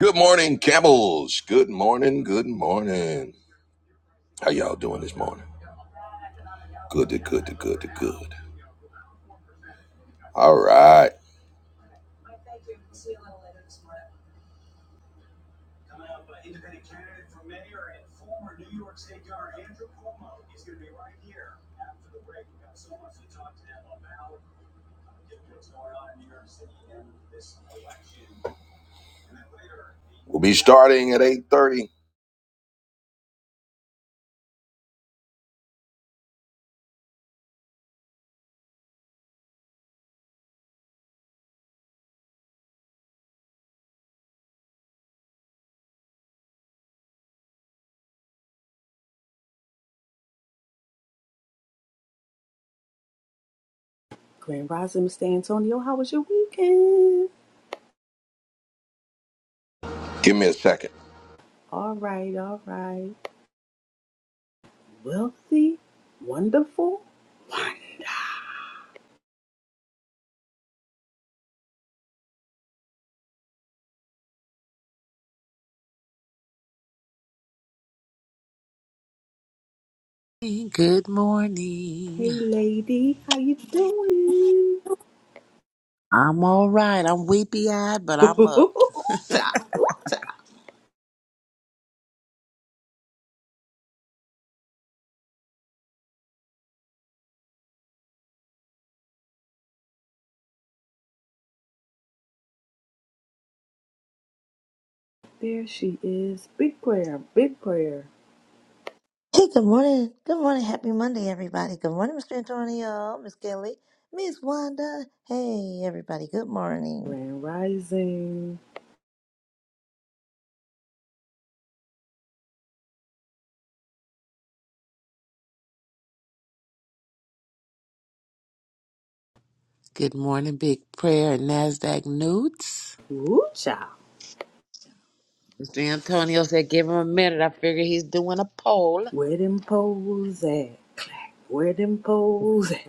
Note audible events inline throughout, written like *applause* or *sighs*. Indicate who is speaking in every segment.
Speaker 1: Good morning, camels. Good morning. Good morning. How y'all doing this morning? Good to good to good to good. All right. We'll be starting at 8.30.
Speaker 2: Grand Rising, Mr. Antonio, how was your weekend?
Speaker 1: Give me a second.
Speaker 2: All right, all right. Wealthy, wonderful. Why?
Speaker 3: Good morning.
Speaker 2: Hey, lady, how you doing?
Speaker 3: I'm all right. I'm weepy eyed, but
Speaker 2: *laughs*
Speaker 3: I'm up.
Speaker 2: Ooh-cha, ooh-cha. there she is. Big prayer, big prayer.
Speaker 4: Hey, good morning. Good morning. Happy Monday, everybody. Good morning, Mr. Antonio, Miss Kelly, Miss Wanda. Hey, everybody. Good morning.
Speaker 2: Grand Rising.
Speaker 3: Good morning, Big Prayer and NASDAQ Newts.
Speaker 2: Ooh, child.
Speaker 3: Mr. Antonio said, give him a minute. I figure he's doing a poll.
Speaker 2: Where them poles at? Clack. Where them poles at?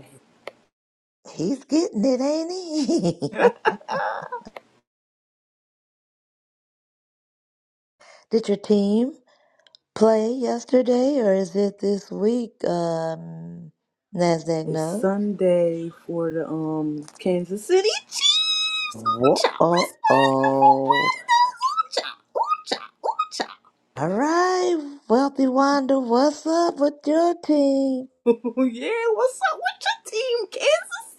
Speaker 4: He's getting it, ain't he? *laughs* Did your team play yesterday or is it this week? Um, NASDAQ
Speaker 2: It's
Speaker 4: note.
Speaker 2: Sunday for the um Kansas City Chiefs.
Speaker 4: Whoa,
Speaker 2: Ooh-cha,
Speaker 4: oh,
Speaker 2: Miss Monica from
Speaker 4: oh.
Speaker 2: Washington. Ooh-cha, ooh-cha,
Speaker 4: All right, Wealthy Wanda, what's up with your team?
Speaker 2: ooh-cha. *laughs* yeah, what's up with your team, Kansas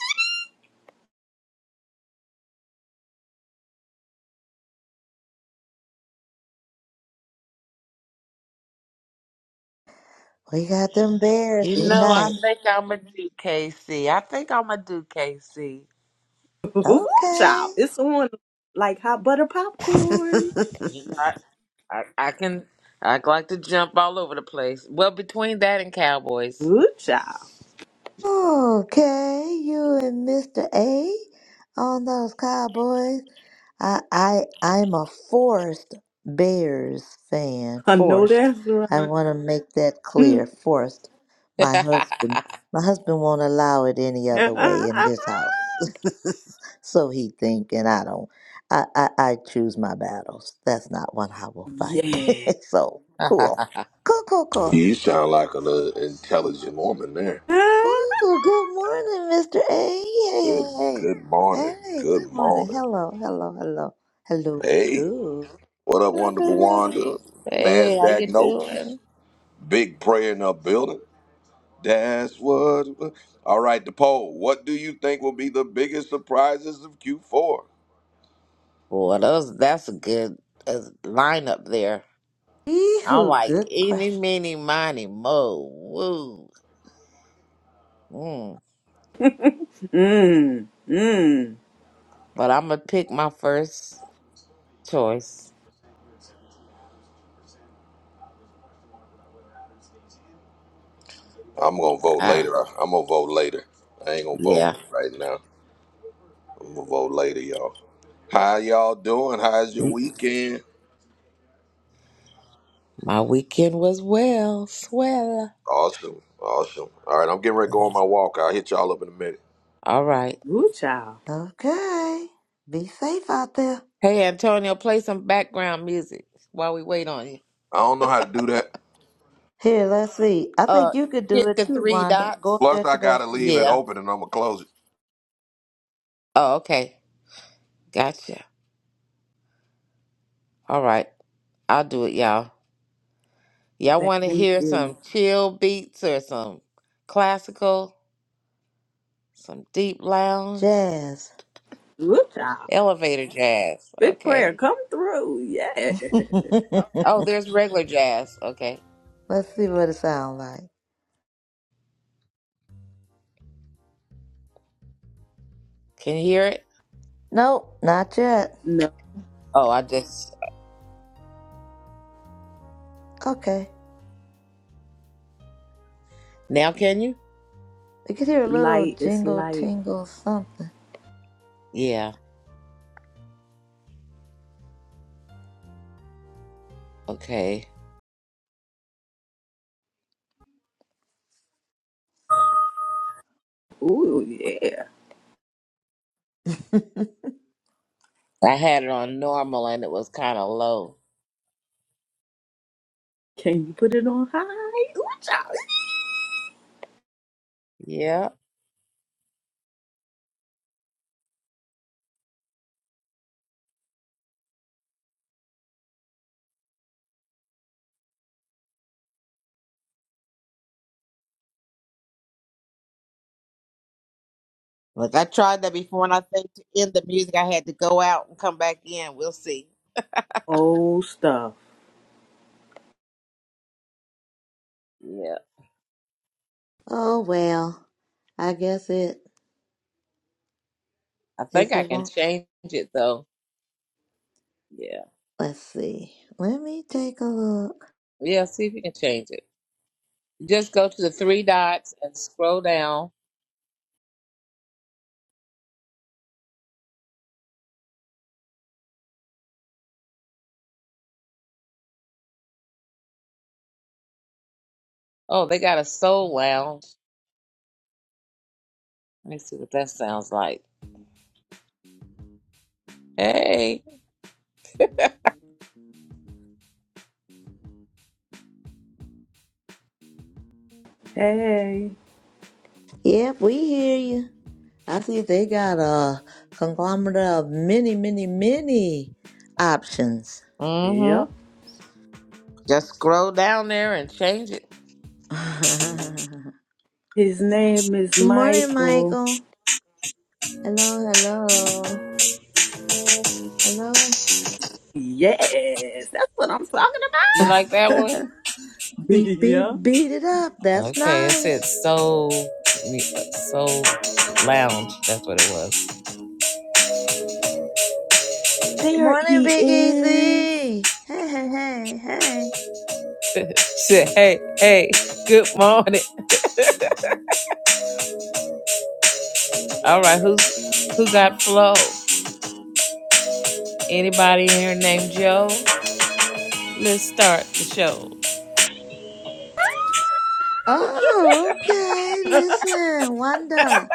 Speaker 4: We got them Bears
Speaker 3: You know, I
Speaker 4: tonight.
Speaker 3: think I'm a do KC. I think I'm a do KC.
Speaker 2: City? *laughs*
Speaker 4: Okay.
Speaker 2: Ooh-cha, it's on like hot butter popcorn.
Speaker 4: *laughs*
Speaker 3: You know, I, I, I can, I like to jump all over the place. Well, between that and Cowboys.
Speaker 2: Ooh-cha,
Speaker 4: Okay, you and Mr. A on those Cowboys. I I I'm a Forest Bears fan.
Speaker 2: I know
Speaker 4: Forest.
Speaker 2: that's
Speaker 4: I
Speaker 2: right.
Speaker 4: want to make that clear.
Speaker 2: Mm.
Speaker 4: Forest. My
Speaker 3: *laughs*
Speaker 4: husband. My husband won't allow it any other way in this house.
Speaker 2: *laughs*
Speaker 4: *laughs* so he think, and I don't. I, I I choose my battles. That's not one I will fight.
Speaker 2: yeah.
Speaker 4: *laughs* so cool. Cool, cool, cool.
Speaker 1: You sound like an uh, intelligent woman there.
Speaker 2: *laughs*
Speaker 4: Ooh, good morning, Mr. A. Hey, hey,
Speaker 1: Good
Speaker 4: hey.
Speaker 1: good morning.
Speaker 4: Hey,
Speaker 1: Good
Speaker 4: good morning.
Speaker 1: morning.
Speaker 4: Hello, hello, hello, hello,
Speaker 1: Hey,
Speaker 4: hello.
Speaker 1: what up, wonderful Wanda?
Speaker 3: hey, how
Speaker 1: NASDAQ
Speaker 3: you
Speaker 1: notes.
Speaker 3: doing?
Speaker 1: Big prayer in the building. That's what. All right, the poll. What do you think will be the biggest surprises of Q4?
Speaker 3: Boy, those that's a good uh, lineup there. I'm
Speaker 4: Ooh,
Speaker 3: like
Speaker 4: good
Speaker 3: eeny,
Speaker 4: question.
Speaker 3: meeny, miny, mo, woo. Mm.
Speaker 2: Mm, mm.
Speaker 3: But I'm gonna pick my first choice.
Speaker 1: I'm gonna vote
Speaker 3: Ah,
Speaker 1: later. I- I'm gonna vote later. I ain't gonna vote
Speaker 3: yeah.
Speaker 1: right now. I'm gonna vote later, y'all. How y'all doing? How's your
Speaker 3: Mm.
Speaker 1: weekend?
Speaker 3: My weekend was well, swell.
Speaker 1: Awesome, awesome. All right, I'm getting ready to go on my walk. I'll hit y'all up in a minute.
Speaker 3: All right.
Speaker 2: Ooh-cha,
Speaker 4: Okay. Be safe out there.
Speaker 3: Hey, Antonio, play some background music while we wait on you.
Speaker 1: I don't know how to do that.
Speaker 4: Here, let's see. I
Speaker 3: Uh,
Speaker 4: think you could do
Speaker 3: hit
Speaker 4: it
Speaker 3: the
Speaker 4: too,
Speaker 3: three
Speaker 4: Wanda. Go
Speaker 3: dots.
Speaker 4: up
Speaker 1: Plus,
Speaker 4: there
Speaker 1: I
Speaker 4: to those
Speaker 1: gotta
Speaker 4: three
Speaker 1: leave it
Speaker 3: Yeah.
Speaker 4: dots.
Speaker 1: open and I'm gonna close it.
Speaker 3: Oh, okay. Gotcha. All right. I'll do it, y'all. Y'all want to
Speaker 2: thank
Speaker 3: hear
Speaker 2: you.
Speaker 3: some chill beats or some classical, some deep lounge,
Speaker 4: Jazz.
Speaker 2: Ooh-cha.
Speaker 3: elevator jazz?
Speaker 2: Big prayer,
Speaker 3: Okay.
Speaker 2: come through. Yeah. *laughs*
Speaker 4: *laughs* let's
Speaker 3: Oh, there's regular jazz. Okay.
Speaker 4: see what it sounds like.
Speaker 3: Can you hear it?
Speaker 4: Nope, not yet.
Speaker 2: No,
Speaker 3: Oh, I just.
Speaker 4: Okay.
Speaker 3: Now can you?
Speaker 4: We could hear a little
Speaker 2: light is
Speaker 4: jingle,
Speaker 2: light.
Speaker 4: tingle, something.
Speaker 3: Yeah. Okay.
Speaker 2: Ooh, yeah.
Speaker 4: *laughs*
Speaker 3: I had it on normal and it was kind of low.
Speaker 2: Can you put it on high? Ooh, child.
Speaker 3: Yeah. Look, I tried that before, and I think to end the music, I had to go out and come back in. We'll see.
Speaker 2: Old stuff.
Speaker 3: Yeah.
Speaker 4: Oh, well. I guess it.
Speaker 3: I think
Speaker 4: If
Speaker 3: I
Speaker 4: it
Speaker 3: can
Speaker 4: won't.
Speaker 3: change it though. Yeah.
Speaker 4: Let's see. Let me take a look.
Speaker 3: Yeah. See if you can change it. Just go to the three dots and scroll down. Oh, they got a soul lounge. Let me see what that sounds like. Hey.
Speaker 2: Hey.
Speaker 4: Yep, we hear you. I see they got a conglomerate of many, many, many options.
Speaker 2: Yep.
Speaker 3: Mm-hmm. Just scroll down there and change it.
Speaker 4: *laughs* Good
Speaker 2: His name is
Speaker 4: morning,
Speaker 2: Michael.
Speaker 4: Michael. Hello, hello. Hello.
Speaker 2: Yes, that's what I'm talking about.
Speaker 3: You like that one?
Speaker 4: *laughs*
Speaker 2: *laughs*
Speaker 4: Beat,
Speaker 2: yeah.
Speaker 4: beat, beat it up. That's
Speaker 3: Okay, it said
Speaker 4: nice.
Speaker 3: soul mu- soul lounge. That's what it was.
Speaker 2: There
Speaker 4: Morning,
Speaker 2: he
Speaker 4: Big
Speaker 2: is.
Speaker 4: Easy. Hey, hey, hey, hey.
Speaker 3: Said, hey, hey, good morning. All right, who's who got flow? Anybody in here named Joe? Let's start the show.
Speaker 4: Oh, okay. Listen, Wanda.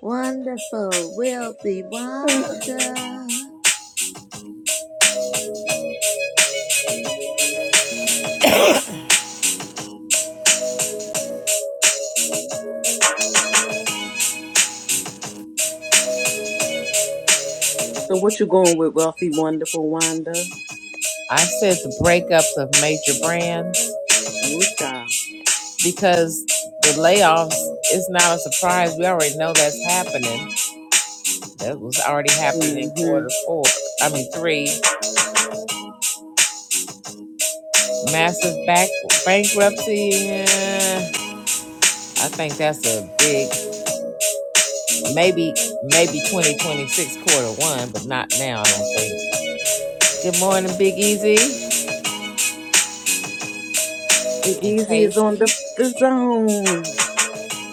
Speaker 4: Wonderful, wealthy Wanda.
Speaker 2: So what you going with, Wealthy Wonderful Wanda?
Speaker 3: I said the breakups of major brands.
Speaker 2: Ooh, child.
Speaker 3: because the layoffs is not a surprise. We already know that's happening. That was already happening in
Speaker 2: Mm-hmm.
Speaker 3: quarter four. I mean three. Massive back bankruptcy. eh, I think that's a big maybe maybe 2026 quarter one, but not now. I don't think. Good morning, Big Easy
Speaker 2: Big
Speaker 3: and
Speaker 2: Easy is on
Speaker 3: Casey.
Speaker 2: the f- zone.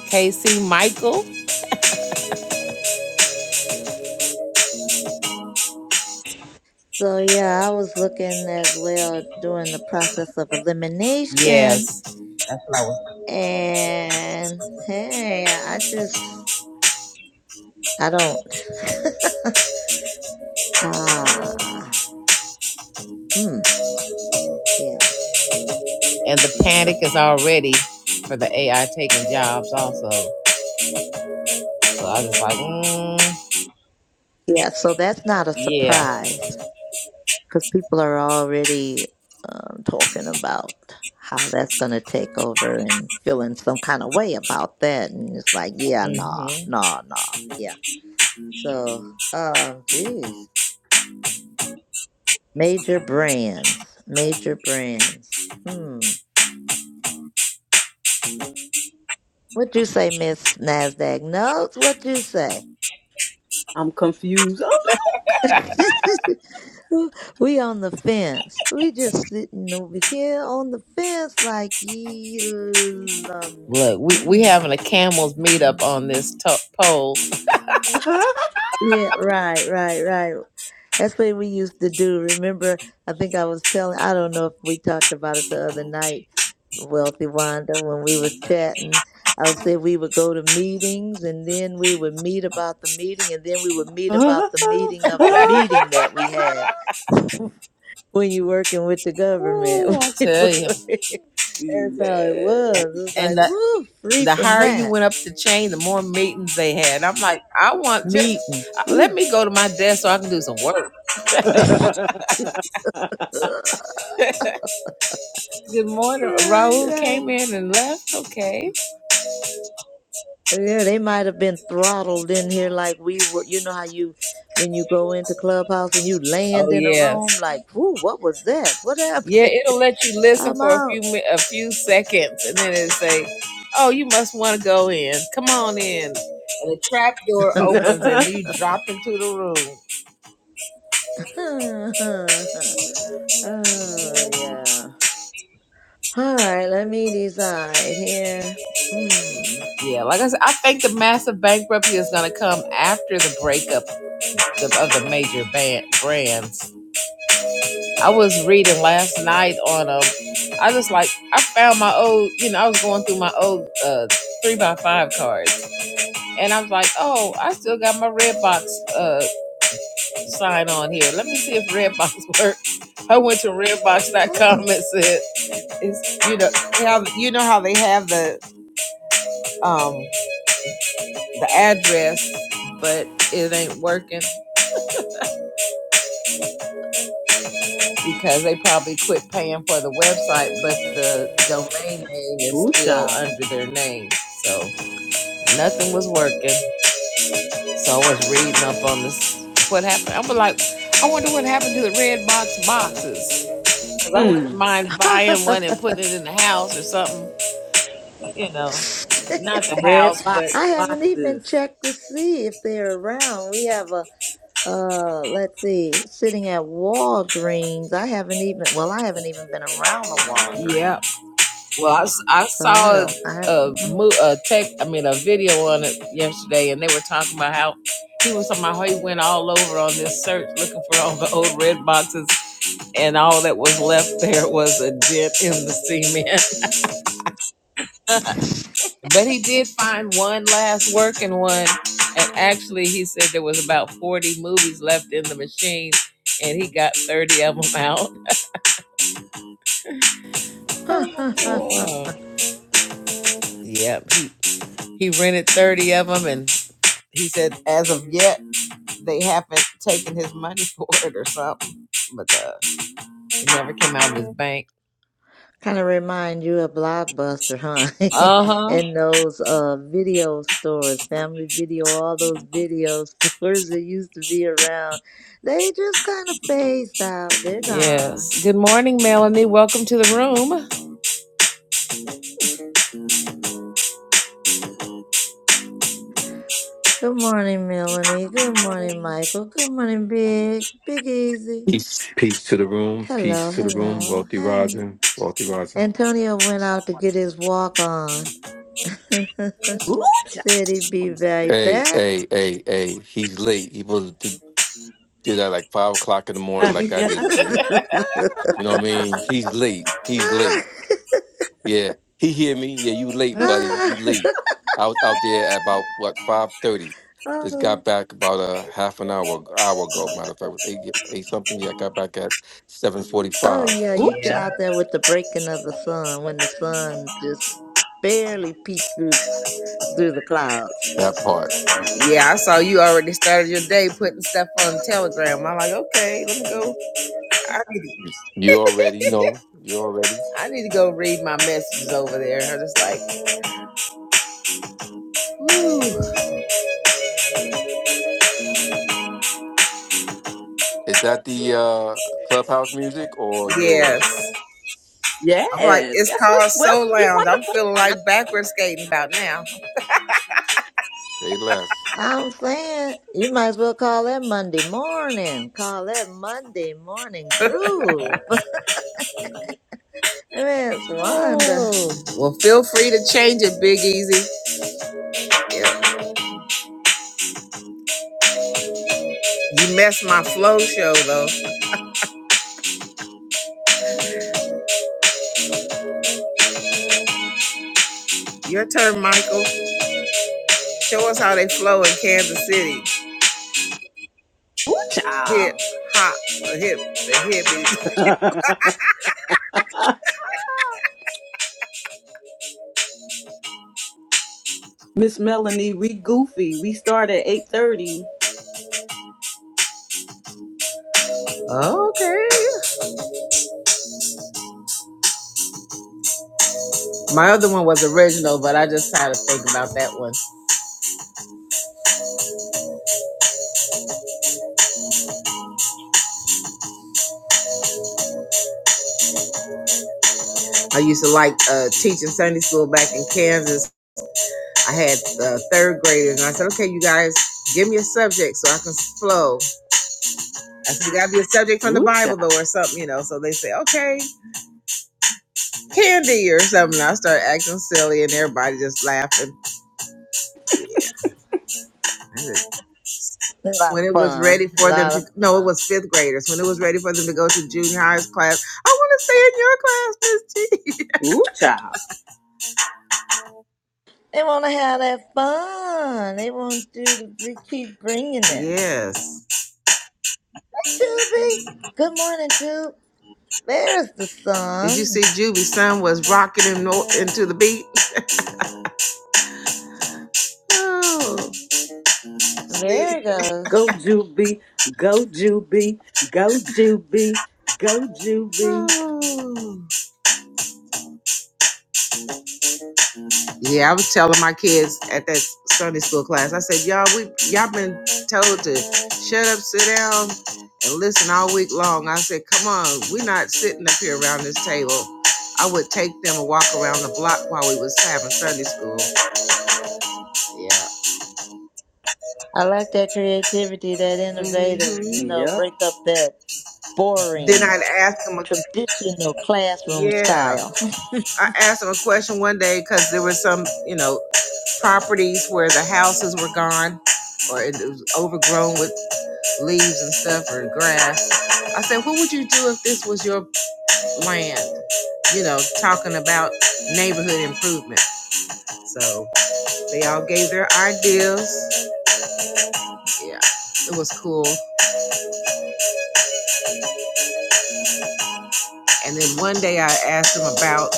Speaker 3: Casey Michael.
Speaker 4: So, yeah, I was looking as well during the process of elimination.
Speaker 3: Yes, that's what I was.
Speaker 4: And hey, I just, I don't. *laughs* Ah, mm, yeah.
Speaker 3: And the panic is already for the AI taking jobs also. So I was just like, mm.
Speaker 4: Yeah, so that's not a
Speaker 3: Yeah.
Speaker 4: surprise. because people are already um, talking about how that's going to take over and feeling some kind of way about that. And it's like, yeah, nah,
Speaker 3: hmm
Speaker 4: nah, nah, yeah. So, um, geez, major brands, major brands. Hmm. What you say, Miss Nasdaq? Notes? What you say?
Speaker 2: I'm confused. I'm
Speaker 4: *laughs* we on the fence. We just sitting over here on the fence, like, yeah, um,
Speaker 3: Look, we we
Speaker 4: hmm.
Speaker 3: having a camels meetup on this top pole.
Speaker 2: sorry. *laughs*
Speaker 4: Yeah, right, right, right. That's what we used to do. Remember, I think I was telling, I don't know if we talked about it the other night, Wealthy Wanda, when we was chatting. I would say we would go to meetings and then we would meet about the meeting and then we would
Speaker 2: *laughs* yes.
Speaker 4: meet about the meeting of the meeting that we had *laughs* when you're working with the
Speaker 3: Ooh,
Speaker 4: government.
Speaker 3: I
Speaker 4: *laughs*
Speaker 3: tell you.
Speaker 4: That's how it was. It's
Speaker 3: And
Speaker 4: like,
Speaker 3: the
Speaker 4: woo, free
Speaker 3: the
Speaker 4: from
Speaker 3: higher you
Speaker 4: that
Speaker 3: went up the chain, the more meetings they had. I'm like, I want just
Speaker 4: meeting.
Speaker 3: uh, let
Speaker 4: Ooh,
Speaker 3: me go to my desk so I can do some work.
Speaker 4: *laughs*
Speaker 3: Good morning.
Speaker 4: right,
Speaker 3: Raul
Speaker 4: right.
Speaker 3: came in and left. Okay.
Speaker 4: Yeah, they might have been throttled in here like we were. You know how you, when you go into Clubhouse and you
Speaker 3: Oh
Speaker 4: land in a
Speaker 3: yes.
Speaker 4: room, like, whoo, what was that? What
Speaker 3: Yeah,
Speaker 4: happened?
Speaker 3: it'll let you
Speaker 4: *laughs*
Speaker 3: listen
Speaker 4: I'm
Speaker 3: for a few
Speaker 4: out.
Speaker 3: mi- a few seconds, and then it say, "Oh, you must want to go in. Come on in." And the trap door opens, and
Speaker 2: *laughs*
Speaker 3: you drop into the room.
Speaker 4: *laughs* oh, yeah. All right, let me decide here. Mm.
Speaker 3: Yeah, like I said, I think the massive bankruptcy is going to come after the breakup of the, of the major band, brands. I was reading last night on a, I just like, I found my old, you know, I was going through my old uh, three by five cards. And I was like, oh, I still got my Redbox uh, sign on here. Let me see if Redbox *laughs* works. I went to redbox.com
Speaker 4: Mm.
Speaker 3: and said, it's, you know, how, you know how they have the, um, the address, but it ain't working. because they probably quit paying for the website, but the domain name is
Speaker 2: Ooh,
Speaker 3: still
Speaker 2: child.
Speaker 3: under their name. So nothing was working. So I was reading up on this. What happened? I was like, I wonder what happened to the red box boxes. Because I wouldn't
Speaker 2: Mm.
Speaker 3: mind buying one and
Speaker 4: *laughs*
Speaker 3: putting it in the house or something. You know, not the
Speaker 2: Red
Speaker 3: house,
Speaker 2: box
Speaker 3: but
Speaker 4: I haven't even
Speaker 2: boxes.
Speaker 4: checked to see if they're around. We have a Uh, let's see. Sitting at Walgreens, I haven't even, well, I haven't even been around a
Speaker 3: yeah.
Speaker 4: Walgreens.
Speaker 3: Well, I, s- I
Speaker 4: So I
Speaker 3: saw
Speaker 4: don't, I
Speaker 3: a,
Speaker 4: don't
Speaker 3: mo- a tech, I mean, a video on it yesterday, and they were talking about how he was talking about how he went all over on this search looking for all the old red boxes, and all that was left there was a dent in the cement. But he did find one last working one, and actually, he said there was about 40 movies left in the machine, and he got 30 of them out. Oh,
Speaker 4: know.
Speaker 3: boy.
Speaker 4: *laughs*
Speaker 3: Yep, he, he rented 30 of them, and he said, as of yet. they haven't taken his money *laughs* for it or something. But uh, it never came out of his bank.
Speaker 4: Kind of remind you of Blockbuster, huh?
Speaker 3: Uh
Speaker 4: *laughs*
Speaker 3: huh.
Speaker 4: And those uh video stores, Family Video, all those video *laughs* stores that used to be around. They just kind of phased out. They're gone.
Speaker 3: Yes. Good morning, Melanie. Welcome to the room.
Speaker 4: Good morning, Melanie. Good morning, Michael. Good morning, Big. Big Easy.
Speaker 5: Peace. Peace to the room.
Speaker 4: Hello,
Speaker 5: Peace to the room.
Speaker 4: hello.
Speaker 5: Wealthy
Speaker 4: Hey.
Speaker 5: rising. Wealthy rising.
Speaker 4: Antonio went out to get his walk on. *laughs*
Speaker 2: Ooh, child.
Speaker 4: Said he'd be right
Speaker 5: Hey, hey,
Speaker 4: back.
Speaker 5: hey, hey. He's late. He was to do that like five o'clock in the morning, like I just
Speaker 4: *laughs*
Speaker 2: *laughs*
Speaker 5: did. You know what I mean? He's late. He's late. Yeah. He hear me. Yeah, you late, buddy. You late. I was out there at about what five thirty. Just
Speaker 4: oh,
Speaker 5: got back about a half an hour hour ago. Matter of fact, it was eight eight something. Yeah, I got back at seven forty
Speaker 4: oh,
Speaker 5: five.
Speaker 4: yeah,
Speaker 2: Ooh,
Speaker 4: you get
Speaker 2: child.
Speaker 3: Yeah.
Speaker 4: out there with the breaking of the sun when the sun just barely peeks through through the clouds.
Speaker 5: That part.
Speaker 3: Yeah. I saw you already started your day putting stuff on Telegram. I'm like, okay, let me go. I,
Speaker 5: You already know. You already.
Speaker 3: I need to go read my messages over there. I'm just like, ooh,
Speaker 5: Is that the uh, clubhouse music or yours?
Speaker 3: yes. I'm like,
Speaker 2: Yes,
Speaker 3: it's
Speaker 2: that's
Speaker 3: called
Speaker 2: Miss
Speaker 3: Soul
Speaker 2: Wealthy.
Speaker 3: Lounge. I'm
Speaker 2: Wonderful.
Speaker 3: feeling like backward skating about now.
Speaker 5: Say less.
Speaker 4: I'm saying you might as well call that Monday morning. Call that Monday morning groove. *laughs* That's wonderful.
Speaker 3: Oh. Well, feel free to change it, Big Easy. Yeah. You messed my flow show though. Your turn, Michael. Show us how they flow in Kansas City.
Speaker 2: Ooh,
Speaker 3: Hip,
Speaker 2: child.
Speaker 3: hop, a hip, a hippie.
Speaker 2: Miss Melanie, we goofy. We start at 8.30.
Speaker 3: Okay. My other one was original, but I just had to think about that one. I used to like uh, teaching Sunday school back in Kansas. I had uh, third graders, and I said, "Okay, you guys, give me a subject so I can flow." I said, "You gotta be a subject from the
Speaker 2: Ooh, child.
Speaker 3: Bible, though, or something, you know." So they say, "Okay, candy or something." I start acting silly, and everybody just laughing. Yeah.
Speaker 4: A lot
Speaker 3: when
Speaker 4: of
Speaker 3: it was ready
Speaker 4: fun. A
Speaker 3: for them
Speaker 4: lot
Speaker 3: to
Speaker 4: of
Speaker 3: no, it
Speaker 4: fun.
Speaker 3: was fifth graders when it was ready for them to go to junior high's class. I want to stay in your class,
Speaker 2: Ooh, child.
Speaker 4: They want to have that fun. They want you to be, keep bringing
Speaker 3: Miss T. *laughs*
Speaker 4: it.
Speaker 3: yes.
Speaker 4: Juby, good morning, Jube. There's the
Speaker 3: Did you
Speaker 4: sun.
Speaker 3: see Juby's son was rocking him no- into the beat? Oh,
Speaker 4: There
Speaker 3: see.
Speaker 4: it goes.
Speaker 2: Go, Juby. Go, Juby. Go, Juby. Go, Juby.
Speaker 3: Oh. Yeah, I was telling my kids at that Sunday school class. I said, "Y'all, we y'all been told to shut up, sit down, and listen all week long." I said, "Come on, we're not sitting up here around this table." I would take them and walk around the block while we was having Sunday school. Yeah.
Speaker 4: I like that creativity, that innovative, you
Speaker 3: hmm
Speaker 4: know,
Speaker 2: Yep.
Speaker 4: break up that
Speaker 3: Then
Speaker 4: boring,
Speaker 3: I'd ask them. A,
Speaker 4: traditional classroom
Speaker 3: yeah,
Speaker 4: style.
Speaker 3: I asked them a question one day because there were some, you know, properties where the houses were gone or it was overgrown with leaves and stuff or grass. I said, what would you do if this was your land? You know, talking about neighborhood improvement. So they all gave their ideas. Yeah, it was cool. And then one day I asked them about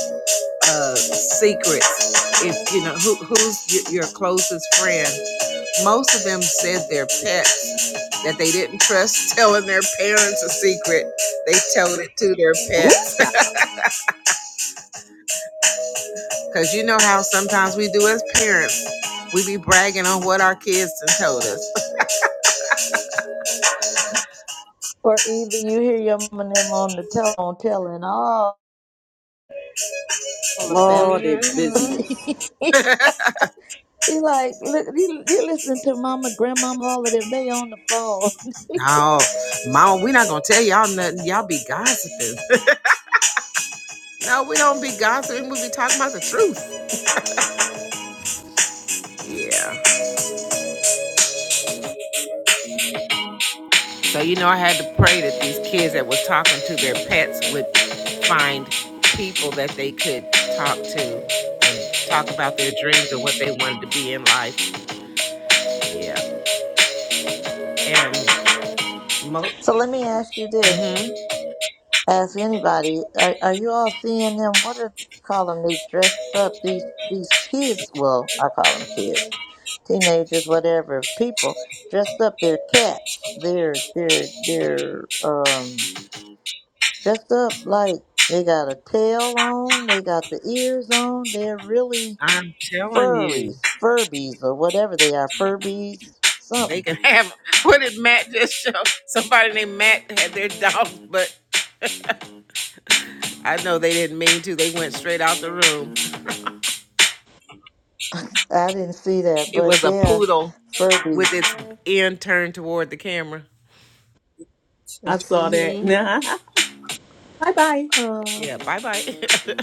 Speaker 3: uh, secrets. If you know who, who's y- your closest friend, most of them said their pets that they didn't trust *laughs* telling their parents a secret. They told it to their
Speaker 2: Ooh,
Speaker 3: pets
Speaker 2: child.
Speaker 3: Cause you know how sometimes we do as parents, we be bragging on what our kids done told us. *laughs*
Speaker 4: *laughs* or even you hear your mom and them on the telephone telling all the
Speaker 2: All
Speaker 4: family
Speaker 2: their
Speaker 4: members.
Speaker 3: Mhm.
Speaker 2: business.
Speaker 4: *laughs* He like, look, you, you're listening to Mama, Grandmama Holiday. They on the phone. *laughs*
Speaker 3: No, mom, we not gonna tell y'all nothing. Y'all be gossiping. *laughs* no, we don't be gossiping. We be talking about the truth. Yeah. So you know, I had to pray that these kids that was talking to their pets would find people that they could talk to and talk about their dreams and what they wanted to be in life. Yeah. And most.
Speaker 4: so let me ask you this:
Speaker 3: hmm
Speaker 4: Ask anybody, are are you all seeing them? What are call them? They dressed up. These these kids. Well, I call them kids, teenagers, whatever. People dressed up. They're cats. They're they're they're um dressed up like they got a tail on. They got the ears on. They're really furries, Furbies, or whatever they are, Furbies,
Speaker 3: They
Speaker 4: something.
Speaker 3: can have *laughs* what did Matt just show? Somebody named Matt had their dog, but I know they didn't mean to. They went straight out the room.
Speaker 4: I didn't see that,
Speaker 3: It
Speaker 4: but
Speaker 3: was a
Speaker 4: yeah,
Speaker 3: poodle
Speaker 4: Furbies.
Speaker 3: with its end turned toward the camera.
Speaker 2: I saw that.
Speaker 3: hmm
Speaker 2: *laughs* bye bye.
Speaker 4: Uh,
Speaker 3: Yeah, bye bye. *laughs*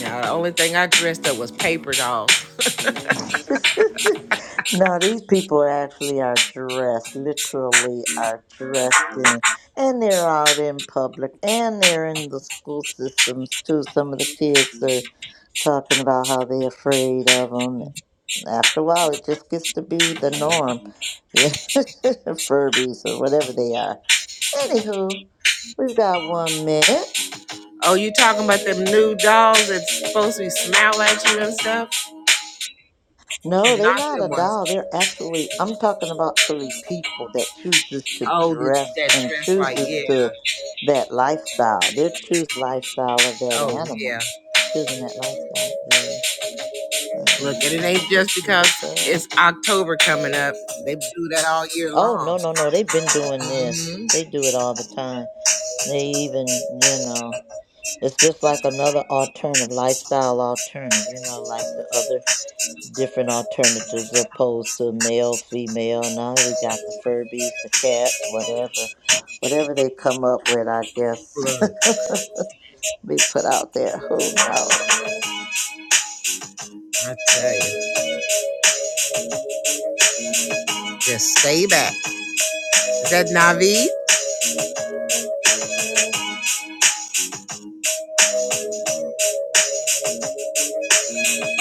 Speaker 3: now the only thing I dressed up was paper dolls.
Speaker 4: *laughs* no, these people actually are dressed, literally are dressed in, and they're out in public, and they're in the school systems too. Some of the kids are talking about how they're afraid of them. After a while, it just gets to be the norm. *laughs* Furbies or whatever they are. Anywho, we've got one minute.
Speaker 3: Oh, you talking about them new dolls that's supposed to smile at you and stuff? And
Speaker 4: No, they're
Speaker 3: not
Speaker 4: not
Speaker 3: them
Speaker 4: a
Speaker 3: ones.
Speaker 4: doll. They're actually, I'm talking about really people that chooses to
Speaker 3: Oh, that,
Speaker 4: dress
Speaker 3: that
Speaker 4: and
Speaker 3: dress like
Speaker 4: chooses
Speaker 3: yeah.
Speaker 4: to that lifestyle. They're choosing lifestyle of that
Speaker 3: Oh yeah.
Speaker 4: animal, choosing that lifestyle. Yeah, yeah.
Speaker 3: Look, and it
Speaker 4: yeah.
Speaker 3: ain't just
Speaker 4: This
Speaker 3: because
Speaker 4: little
Speaker 3: it's
Speaker 4: girl.
Speaker 3: October coming up. They do that all year
Speaker 4: Oh
Speaker 3: long.
Speaker 4: no, no, no. They've been doing this.
Speaker 3: hmm
Speaker 4: They do it all the time. They even, you know, it's just like another alternative lifestyle alternative. You know, like the other. different alternatives opposed to male, female. Now we got the Furbies, the cats, whatever, whatever they come up with. I guess
Speaker 3: Look,
Speaker 4: *laughs* be put out there. Who knows?
Speaker 3: I tell you, just stay back. Is that Navi?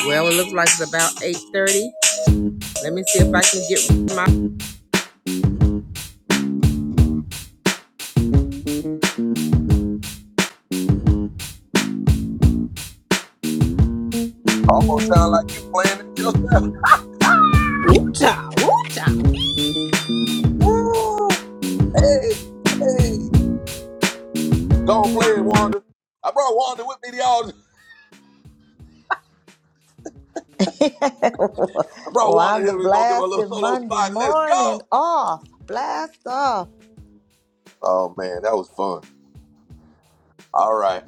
Speaker 3: Well, it looks like it's about 8.30. Let me see if I can get my...
Speaker 1: Almost sound like you playing that yourself.
Speaker 2: Woo-cha, woo-cha.
Speaker 1: *laughs* Woo! Hey, hey, go on, play it, Wanda. I brought Wanda with me, y'all.
Speaker 4: *laughs*
Speaker 1: I brought Wanda
Speaker 4: Wanda
Speaker 1: here. We're gonna give her a little
Speaker 4: blasted
Speaker 1: solo
Speaker 4: Monday
Speaker 1: spot. Let's
Speaker 4: morning
Speaker 1: go.
Speaker 4: off. Blast off.
Speaker 1: Oh man, that was fun. All right.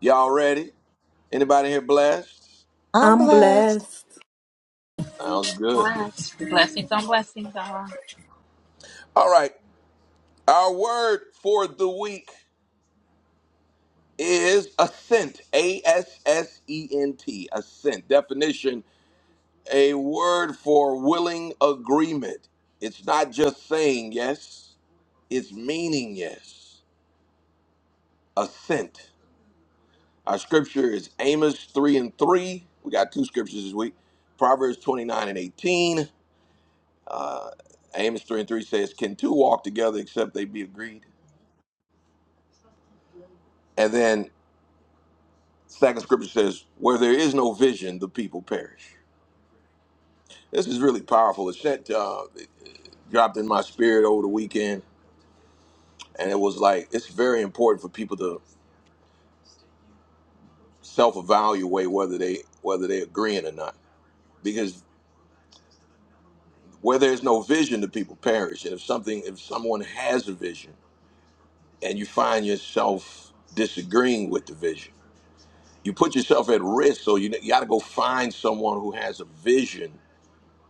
Speaker 1: Y'all ready? Anybody here blessed?
Speaker 4: I'm
Speaker 2: I'm
Speaker 4: blessed.
Speaker 2: blessed.
Speaker 1: Sounds good.
Speaker 6: Blessings on blessings, y'all.
Speaker 1: All right. Our word for the week is assent. A S S E N T. Assent. Definition a word for willing agreement. It's not just saying yes, it's meaning yes. Assent. Our scripture is Amos 3 and 3. We got two scriptures this week Proverbs 29 and 18. Uh, Amos 3 and 3 says, Can two walk together except they be agreed? And then second scripture says, Where there is no vision, the people perish. This is really powerful. It sent, uh, it dropped in my spirit over the weekend, and it was like it's very important for people to self-evaluate whether they whether they're agreeing or not, because where there's no vision, the people perish. And if something, if someone has a vision, and you find yourself disagreeing with the vision you put yourself at risk. So you, you got to go find someone who has a vision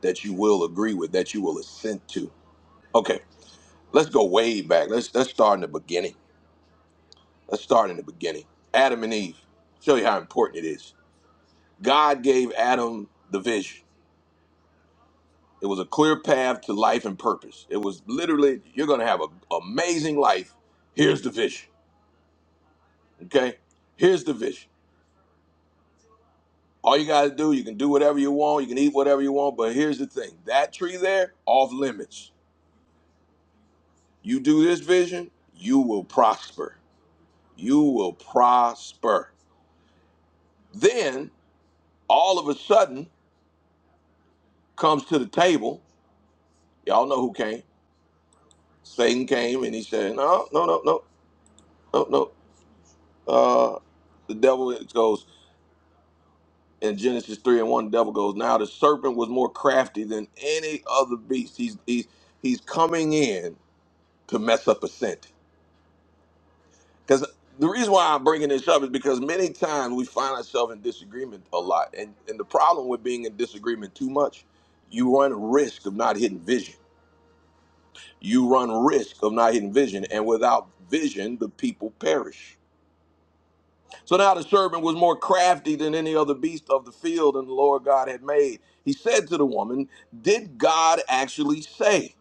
Speaker 1: that you will agree with, that you will assent to. Okay, let's go way back. Let's let's start in the beginning. Let's start in the beginning. Adam and Eve. Show you how important it is. God gave Adam the vision. It was a clear path to life and purpose. It was literally you're going to have an amazing life. Here's the vision. Okay, here's the vision. All you got to do, you can do whatever you want, you can eat whatever you want, but here's the thing: that tree there, off limits. You do this vision, you will prosper. You will prosper. Then all of a sudden comes to the table. Y'all know who came. Satan came and he said, No, no, no, no, no, no. Uh, the devil goes in Genesis 3 and 1, the devil goes, Now the serpent was more crafty than any other beast. He's he's he's coming in to mess up a scent. Because the reason why I'm bringing this up is because many times we find ourselves in disagreement a lot. And, and the problem with being in disagreement too much, you run risk of not hitting vision. You run risk of not hitting vision. And without vision, the people perish. So now the serpent was more crafty than any other beast of the field and the Lord God had made. He said to the woman, Did God actually say,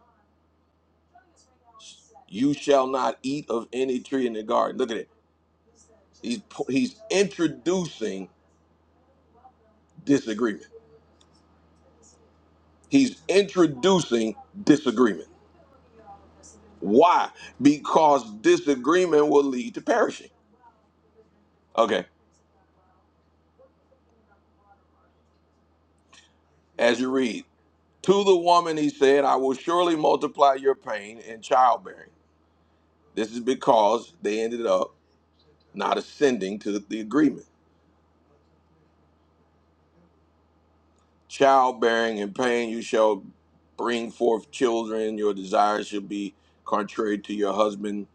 Speaker 1: You shall not eat of any tree in the garden? Look at it. He's, he's introducing disagreement He's introducing disagreement. Why? Because disagreement will lead to perishing. Okay, as you read, to the woman he said, I will surely multiply your pain in childbearing. This is because they ended up not ascending to the agreement. Childbearing and pain, you shall bring forth children, your desire shall be contrary to your husband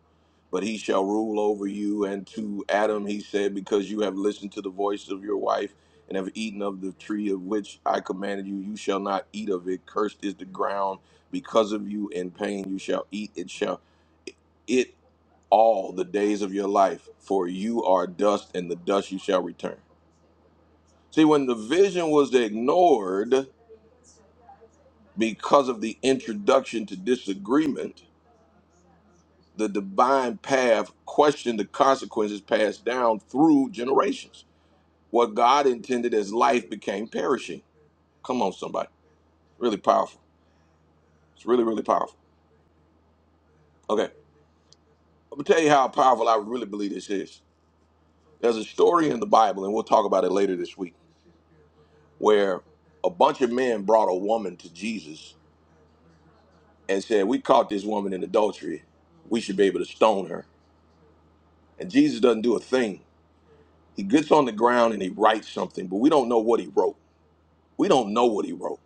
Speaker 1: but he shall rule over you. And to Adam he said, Because you have listened to the voice of your wife and have eaten of the tree of which I commanded you, you shall not eat of it. Cursed is the ground because of you. In pain you shall eat it. Shall it all the days of your life, for you are dust, and the dust you shall return. See, when the vision was ignored because of the introduction to disagreement, the divine path questioned the consequences passed down through generations. What God intended as life became perishing. Come on, somebody. Really powerful. It's really, really powerful. Okay. I'm going to tell you how powerful I really believe this is. There's a story in the Bible, and we'll talk about it later this week, where a bunch of men brought a woman to Jesus and said, We caught this woman in adultery. We should be able to stone her. And Jesus doesn't do a thing. He gets on the ground and he writes something, but we don't know what he wrote. We don't know what he wrote.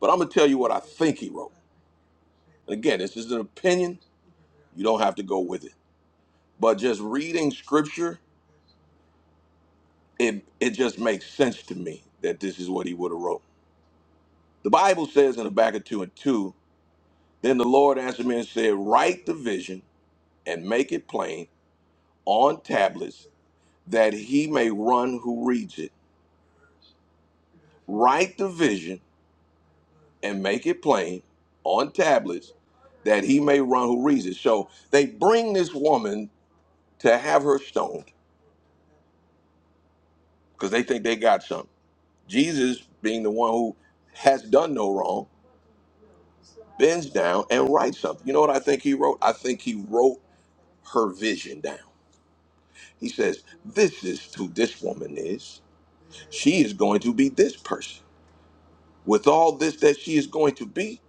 Speaker 1: But I'm going to tell you what I think he wrote. And again, this is an opinion. You don't have to go with it. But just reading scripture, it it just makes sense to me that this is what he would have wrote. The Bible says in the back of two and two, then the Lord answered me and said, Write the vision and make it plain on tablets that he may run who reads it. Write the vision and make it plain on tablets that he may run who reads it. So they bring this woman to have her stoned because they think they got something. Jesus being the one who has done no wrong bends down and writes something. You know what I think he wrote? I think he wrote her vision down. He says, This is who this woman is. She is going to be this person. With all this that she is going to be,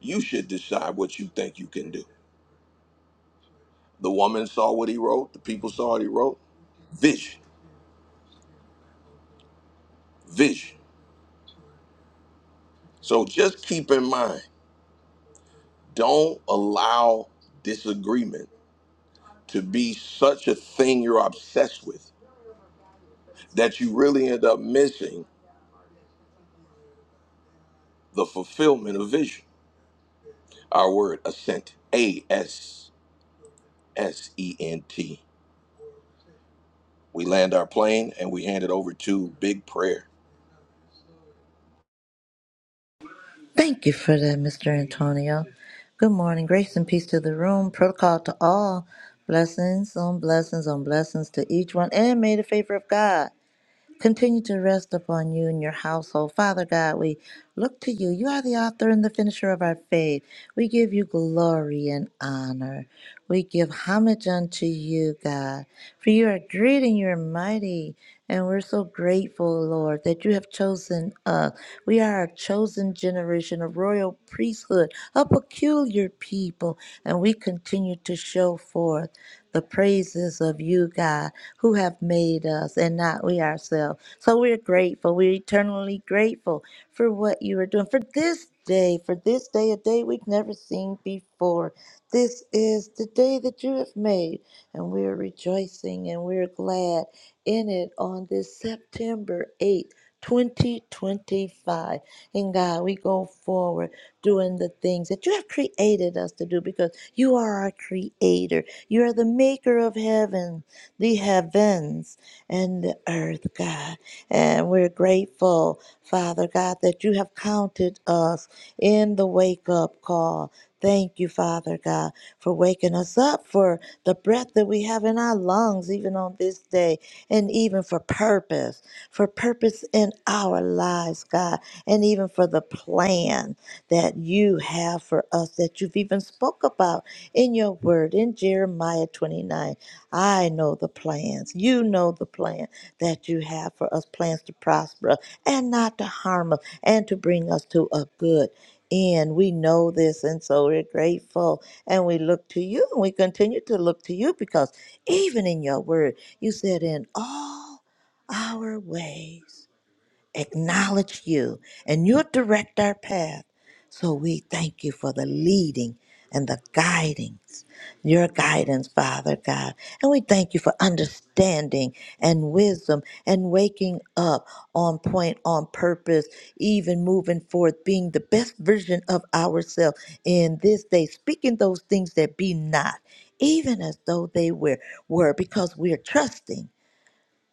Speaker 1: you should decide what you think you can do. The woman saw what he wrote, the people saw what he wrote. Vision, vision. So just keep in mind, don't allow disagreement to be such a thing you're obsessed with that you really end up missing the fulfillment of vision. Our word, ascent, A S S E N T. We land our plane and we hand it over to Big Prayer.
Speaker 4: Thank you for that, Mr. Antonio. Good morning. Grace and peace to the room. Protocol to all. Blessings on blessings on blessings to each one. And may the favor of God. Continue to rest upon you and your household. Father God, we look to you. You are the author and the finisher of our faith. We give you glory and honor. We give homage unto you, God, for you are great and you are mighty. And we're so grateful, Lord, that you have chosen us. We are a chosen generation, a royal priesthood, a peculiar people. And we continue to show forth the praises of you, God who have made us and not we ourselves. So we're grateful. We're eternally grateful for what you are doing, for this day, for this day, a day we've never seen before. This is the day that you have made, and we are rejoicing and we're glad in it on this September 8th. 2025. And God, we go forward doing the things that you have created us to do because you are our creator. You are the maker of heaven the heavens and the earth, God. And we're grateful, Father God, that you have counted us in the wake up call. Thank you, Father God, for waking us up, for the breath that we have in our lungs, even on this day, and even for purpose, for purpose in our lives, God, and even for the plan that you have for us that you've even spoke about in your word in Jeremiah 29. I know the plans. You know the plan that you have for us plans to prosper us and not to harm us and to bring us to a good end. We know this, and so we're grateful. And we look to you and we continue to look to you because even in your word, you said, In all our ways acknowledge you, and you'll direct our path. So we thank you for the leading and the guidings, your guidance, Father God. And we thank you for understanding and wisdom and waking up on point, on purpose, even moving forth, being the best version of ourselves in this day, speaking those things that be not, even as though they were, were because we are trusting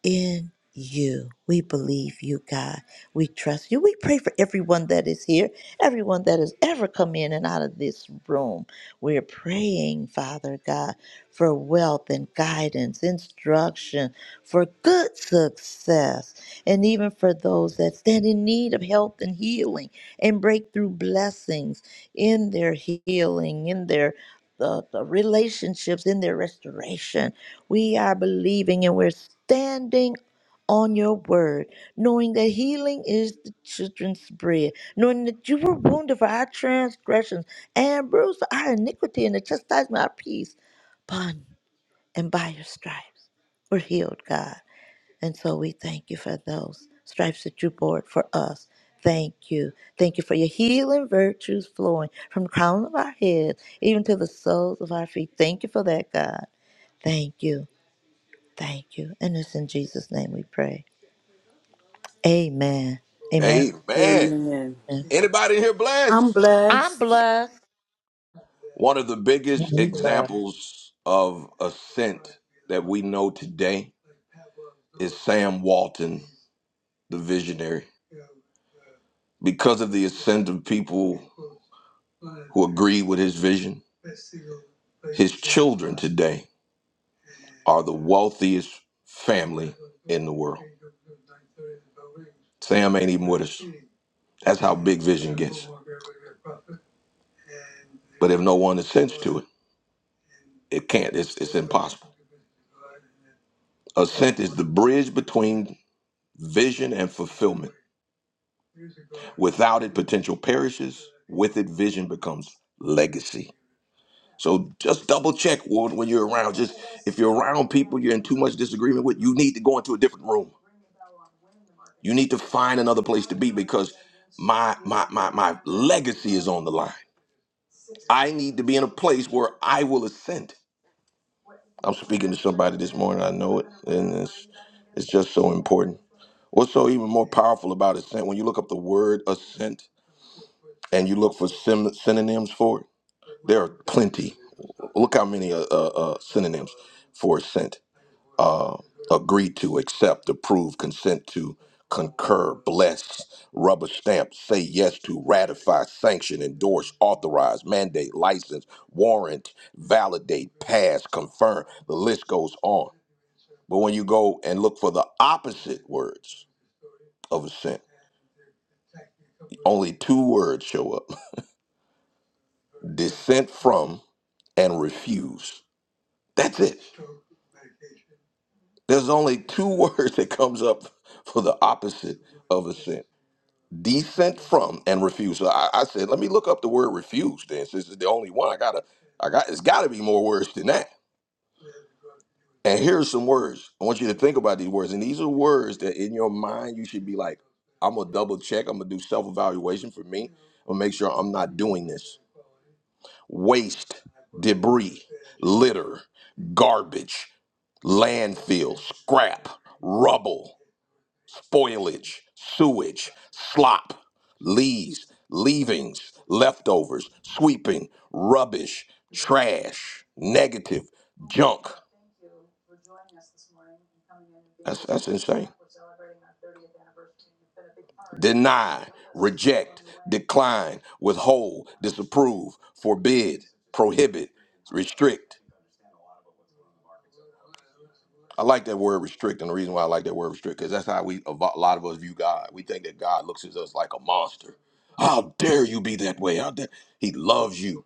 Speaker 4: in you. We believe you, God. We trust you. We pray for everyone that is here, everyone that has ever come in and out of this room. We're praying, Father God, for wealth and guidance, instruction, for good success, and even for those that stand in need of health and healing and breakthrough blessings in their healing, in their the, the relationships in their restoration. We are believing and we're standing on your word, knowing that healing is the children's bread, knowing that you were wounded for our transgressions and bruised for our iniquity and the chastisement of our peace upon and by your stripes. We're healed, God. And so we thank you for those stripes that you bore for us. Thank you. Thank you for your healing virtues flowing from the crown of our heads even to the soles of our feet. Thank you for that, God. Thank you. Thank you. And it's in Jesus' name we pray. Amen. Amen.
Speaker 1: Amen.
Speaker 2: Amen.
Speaker 1: Anybody in here blessed?
Speaker 2: I'm
Speaker 4: I'm
Speaker 2: blessed.
Speaker 4: blessed.
Speaker 1: One of the biggest
Speaker 7: Alhamdulillah.
Speaker 1: examples of ascent that we know today is Sam Walton, the visionary. Because of the ascent of people who agree with his vision, his children today are the wealthiest family in the world. Sam ain't even with us. That's how big vision gets. But if no one assents to it, it can't. It's it's impossible. Assent is the bridge between vision and fulfillment. Without it, potential perishes. With it, vision becomes legacy. So just double check when when you're around. Just if you're around people you're in too much disagreement with, you need to go into a different room. You need to find another place to be because my my my my legacy is on the line. I need to be in a place where I will ascend. I'm speaking to somebody this morning. I know it, and it's it's just so important. What's so even more powerful about ascent? When you look up the word ascent and you look for sim- synonyms for it, there are plenty. Look how many uh, uh, uh, synonyms for assent: uh, agree to, accept, approve, consent to, concur, bless, rubber stamp, say yes to, ratify, sanction, endorse, authorize, mandate, license, warrant, validate, pass, confirm. The list goes on. But when you go and look for the opposite words of assent, only two words show up *laughs* dissent from and refuse. That's it. There's only two *laughs* words that comes up for the opposite of assent. Descent from and refuse. So I, I said, let me look up the word refuse then, since it's the only one I gotta I got it's gotta be more words than that. And here's some words. I want you to think about these words. And these are words that in your mind you should be like, I'm gonna double check, I'm gonna do self evaluation for me. I'm gonna make sure I'm not doing this. Waste, debris, litter, garbage, landfill, scrap, rubble spoilage, sewage, slop, leaves, leavings, leftovers, sweeping, rubbish, trash, negative, junk. That's, that's insane. Deny, reject, decline, withhold, disapprove, forbid, prohibit, restrict. I like that word restrict, and the reason why I like that word restrict because that's how we a vo- a lot of us view God. We think that God looks at us like a monster. How dare you be that way? How dare He loves you,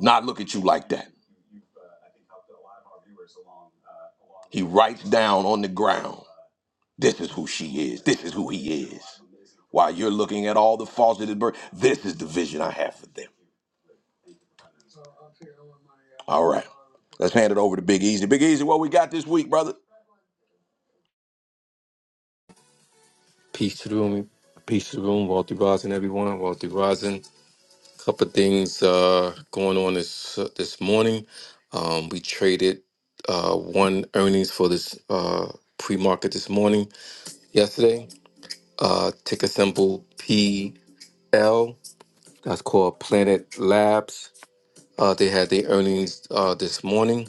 Speaker 1: not look at you like that. He writes down on the ground, "This is who she is. This is who he is." While you're looking at all the faults birth, this is the vision I have for them. All right, let's hand it over to Big Easy. Big Easy, what we got this week, brother?
Speaker 5: Peace to the room. Peace to the room. Walter Rosin, everyone. Walter Rosin. Couple of things uh, going on this this morning. Um, we traded uh, one earnings for this uh, pre market this morning. Yesterday, uh, ticker symbol PL. That's called Planet Labs. Uh, they had their earnings uh, this morning.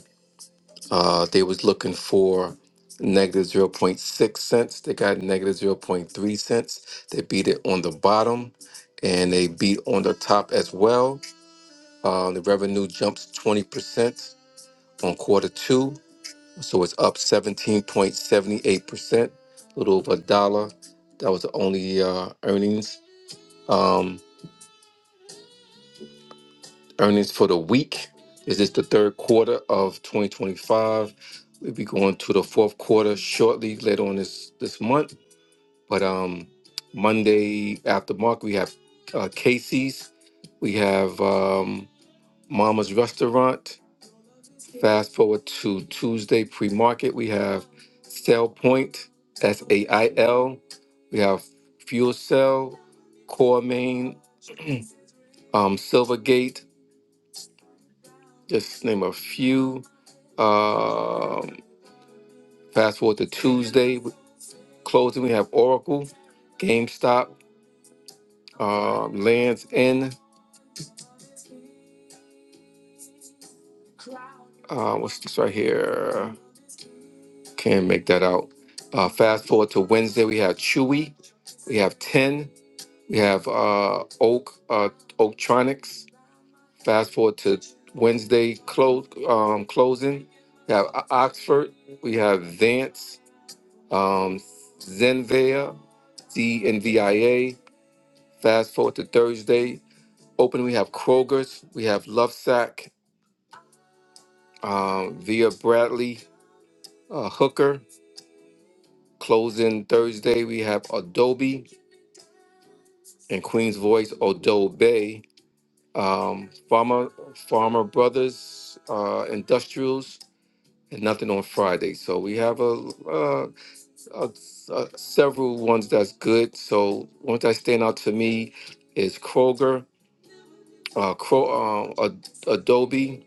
Speaker 5: Uh, they was looking for negative zero point 0.6 cents. They got negative zero point 0.3 cents. They beat it on the bottom and they beat on the top as well. Uh, the revenue jumps 20% on quarter two. So it's up 17.78%, a little over a dollar. That was the only uh, earnings. Um, Earnings for the week is this the third quarter of 2025. We'll be going to the fourth quarter shortly later on this this month. But um, Monday after Mark, we have uh, Casey's, we have um, Mama's Restaurant. Fast forward to Tuesday pre market, we have Sail Point, that's A I L. We have Fuel Cell, Core Main, um, Silvergate. Just name a few. Um, fast forward to Tuesday with closing. We have Oracle, GameStop, um, Lands End. Uh, what's this right here? Can't make that out. Uh, fast forward to Wednesday. We have Chewy. We have Ten. We have uh, Oak uh, Oaktronics. Fast forward to Wednesday close um, closing. We have O- Oxford. We have Vance. um, Zenvia, Z N V I A. Fast forward to Thursday. Open, we have Kroger's, we have Lovesack, um, Via Bradley, uh, Hooker. Closing Thursday, we have Adobe and Queen's Voice, Adobe, um, Farmer, Farmer Brothers, uh, Industrials, and nothing on Friday. So we have a, uh, a, a several ones that's good. So ones that stand out to me is Kroger, uh, Cro- uh, Ad- Adobe,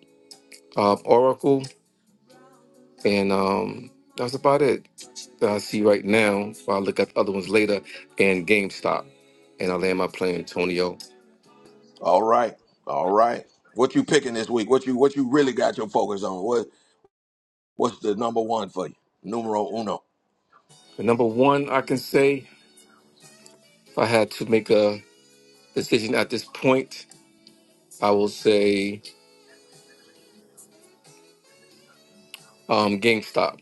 Speaker 5: uh, Oracle, and um, that's about it that I see right now. I'll look at the other ones later, and GameStop. And I land my plane, Antonio.
Speaker 1: All right, all right. What you picking this week? What you what you really got your focus on? What? What's the number one for you? Numero uno.
Speaker 5: The number one I can say, if I had to make a decision at this point, I will say um, GameStop.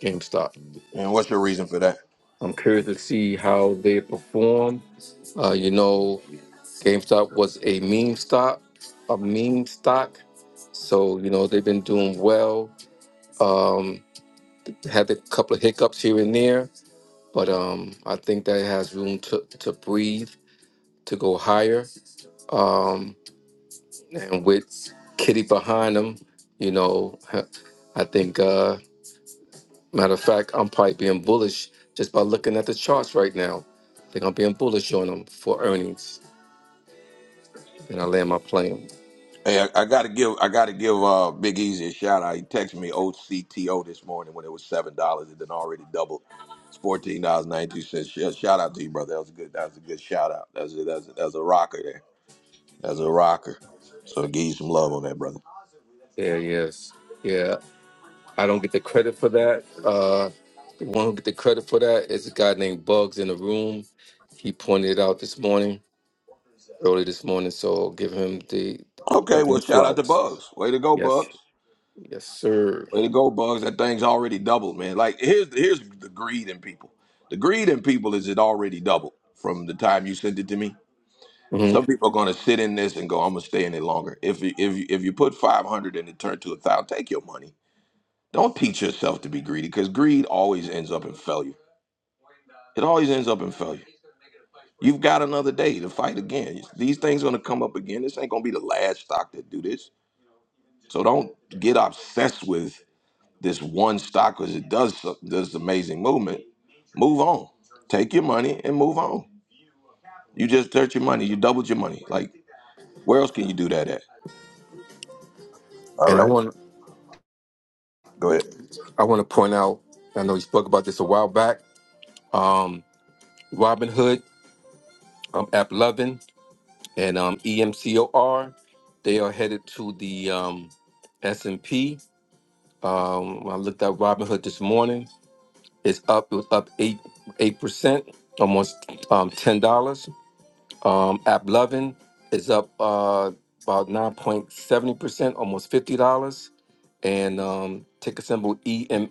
Speaker 5: GameStop.
Speaker 1: And what's your reason for that?
Speaker 5: I'm curious to see how they perform. Uh, you know, GameStop was a meme stock, a meme stock. So you know they've been doing well Um, had a couple of hiccups here and there, but um, I think that it has room to, to breathe, to go higher. Um, and with Kitty behind him, you know, *laughs* I think, uh, matter of fact, I'm probably being bullish just by looking at the charts right now. I think I'm being bullish on them for earnings, and I land my plane.
Speaker 1: Hey, I, I gotta give I gotta give uh Big Easy a shout out. He texted me OCTO this morning when it was seven dollars. It then already doubled. It's fourteen dollars ninety two cents. Shout out to you, brother. That was a good. That was a good shout out. That's a that's a, that's a rocker there. That's a rocker. So give you some love on that, brother.
Speaker 5: Yeah, yes. Yeah, I don't get the credit for that. Uh, the one who get the credit for that is a guy named Bugs in the room. He pointed it out this morning, early this morning. So give him the
Speaker 1: Okay, well
Speaker 5: definite
Speaker 1: shout out to
Speaker 5: flowers.
Speaker 1: Bugs. Way to go,
Speaker 5: Yes,
Speaker 1: Bugs.
Speaker 5: yes, sir.
Speaker 1: Way to go, Bugs. That thing's already doubled, man. Like here's here's the greed in people. The greed in people is it already doubled from the time you sent it to me.
Speaker 5: hmm
Speaker 1: Some people are gonna sit in this and go, I'm gonna stay in it longer. If you if you if you put five hundred and it turned to a thousand, take your money. Don't teach yourself to be greedy because greed always ends up in failure. It always ends up in failure. You've got another day to fight again. These things gonna come up again. This ain't gonna be the last stock that do this. So don't get obsessed with this one stock because it does so- does amazing movement. Move on, take your money and move on. You just dirt your money. You doubled your money. Like where else can you do that at? All
Speaker 5: And I
Speaker 1: right,
Speaker 5: want
Speaker 1: go ahead.
Speaker 5: I want to point out. I know you spoke about this a while back. Um, Robin Hood, um, App Lovin, and um, EMCOR. They are headed to the um, S and P. Um, I looked at Robin Hood this morning. It's up. It was up eight eight percent, almost um, ten dollars. Um, App is up uh, about nine point seventy percent, almost fifty dollars. And um, ticker symbol EME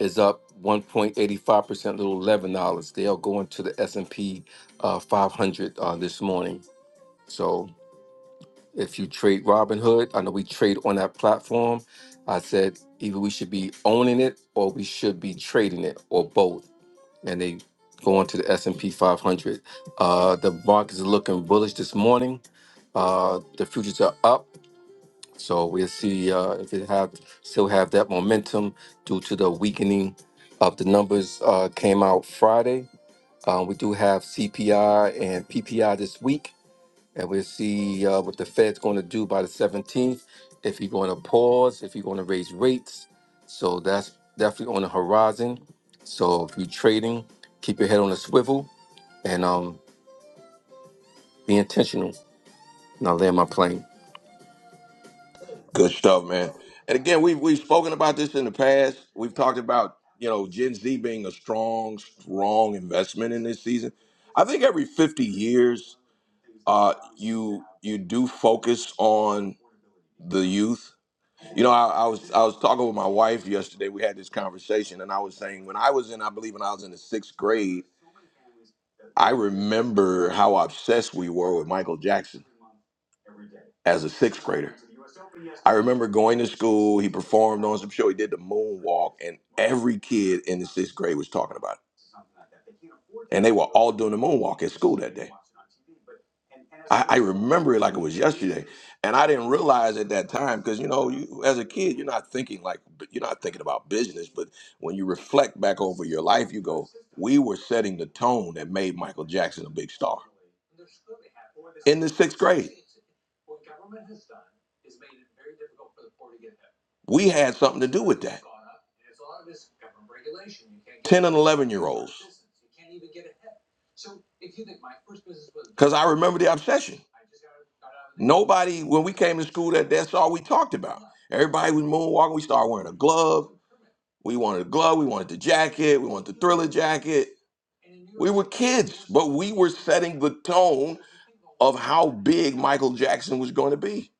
Speaker 5: is up one point eighty five percent, little eleven dollars. They are going to the S and P uh, five hundred uh, this morning. So if you trade Robinhood, I know we trade on that platform. I said either we should be owning it or we should be trading it or both and they go on to the S&P 500. Uh, the markets is looking bullish this morning. Uh, the futures are up, so we'll see uh, if it have still have that momentum due to the weakening of the numbers uh, came out Friday. Uh, we do have CPI and PPI this week and we'll see uh, what the Fed's going to do by the 17th. If he's going to pause, if he's going to raise rates, so that's definitely on the horizon. So if you're trading, keep your head on a swivel and um, be intentional. And I land my plane.
Speaker 1: Good stuff, man. And again, we've we've spoken about this in the past. We've talked about you know Gen Z being a strong, strong investment in this season. I think every fifty years, uh, you you do focus on the youth You know, I, I was I was talking with my wife yesterday. We had this conversation, and I was saying when I was in, I believe when I was in the sixth grade, I remember how obsessed we were with Michael Jackson as a sixth grader. I remember going to school. He performed on some show. He did the moonwalk, and every kid in the sixth grade was talking about it. And they were all doing the moonwalk at school that day. I, I remember it like it was yesterday. And I didn't realize at that time because you know, you, as a kid, you're not thinking like you're not thinking about business. But when you reflect back over your life, you go, "We were setting the tone that made Michael Jackson a big star in the sixth grade." We had something to do with that. 10 and 11 year olds. Because I remember the obsession. Nobody, when we came to school, that that's all we talked about. Everybody was moonwalking. We started wearing a glove. We wanted a glove, we wanted the jacket, we wanted the thriller jacket. We were kids, but we were setting the tone of how big Michael Jackson was going to be.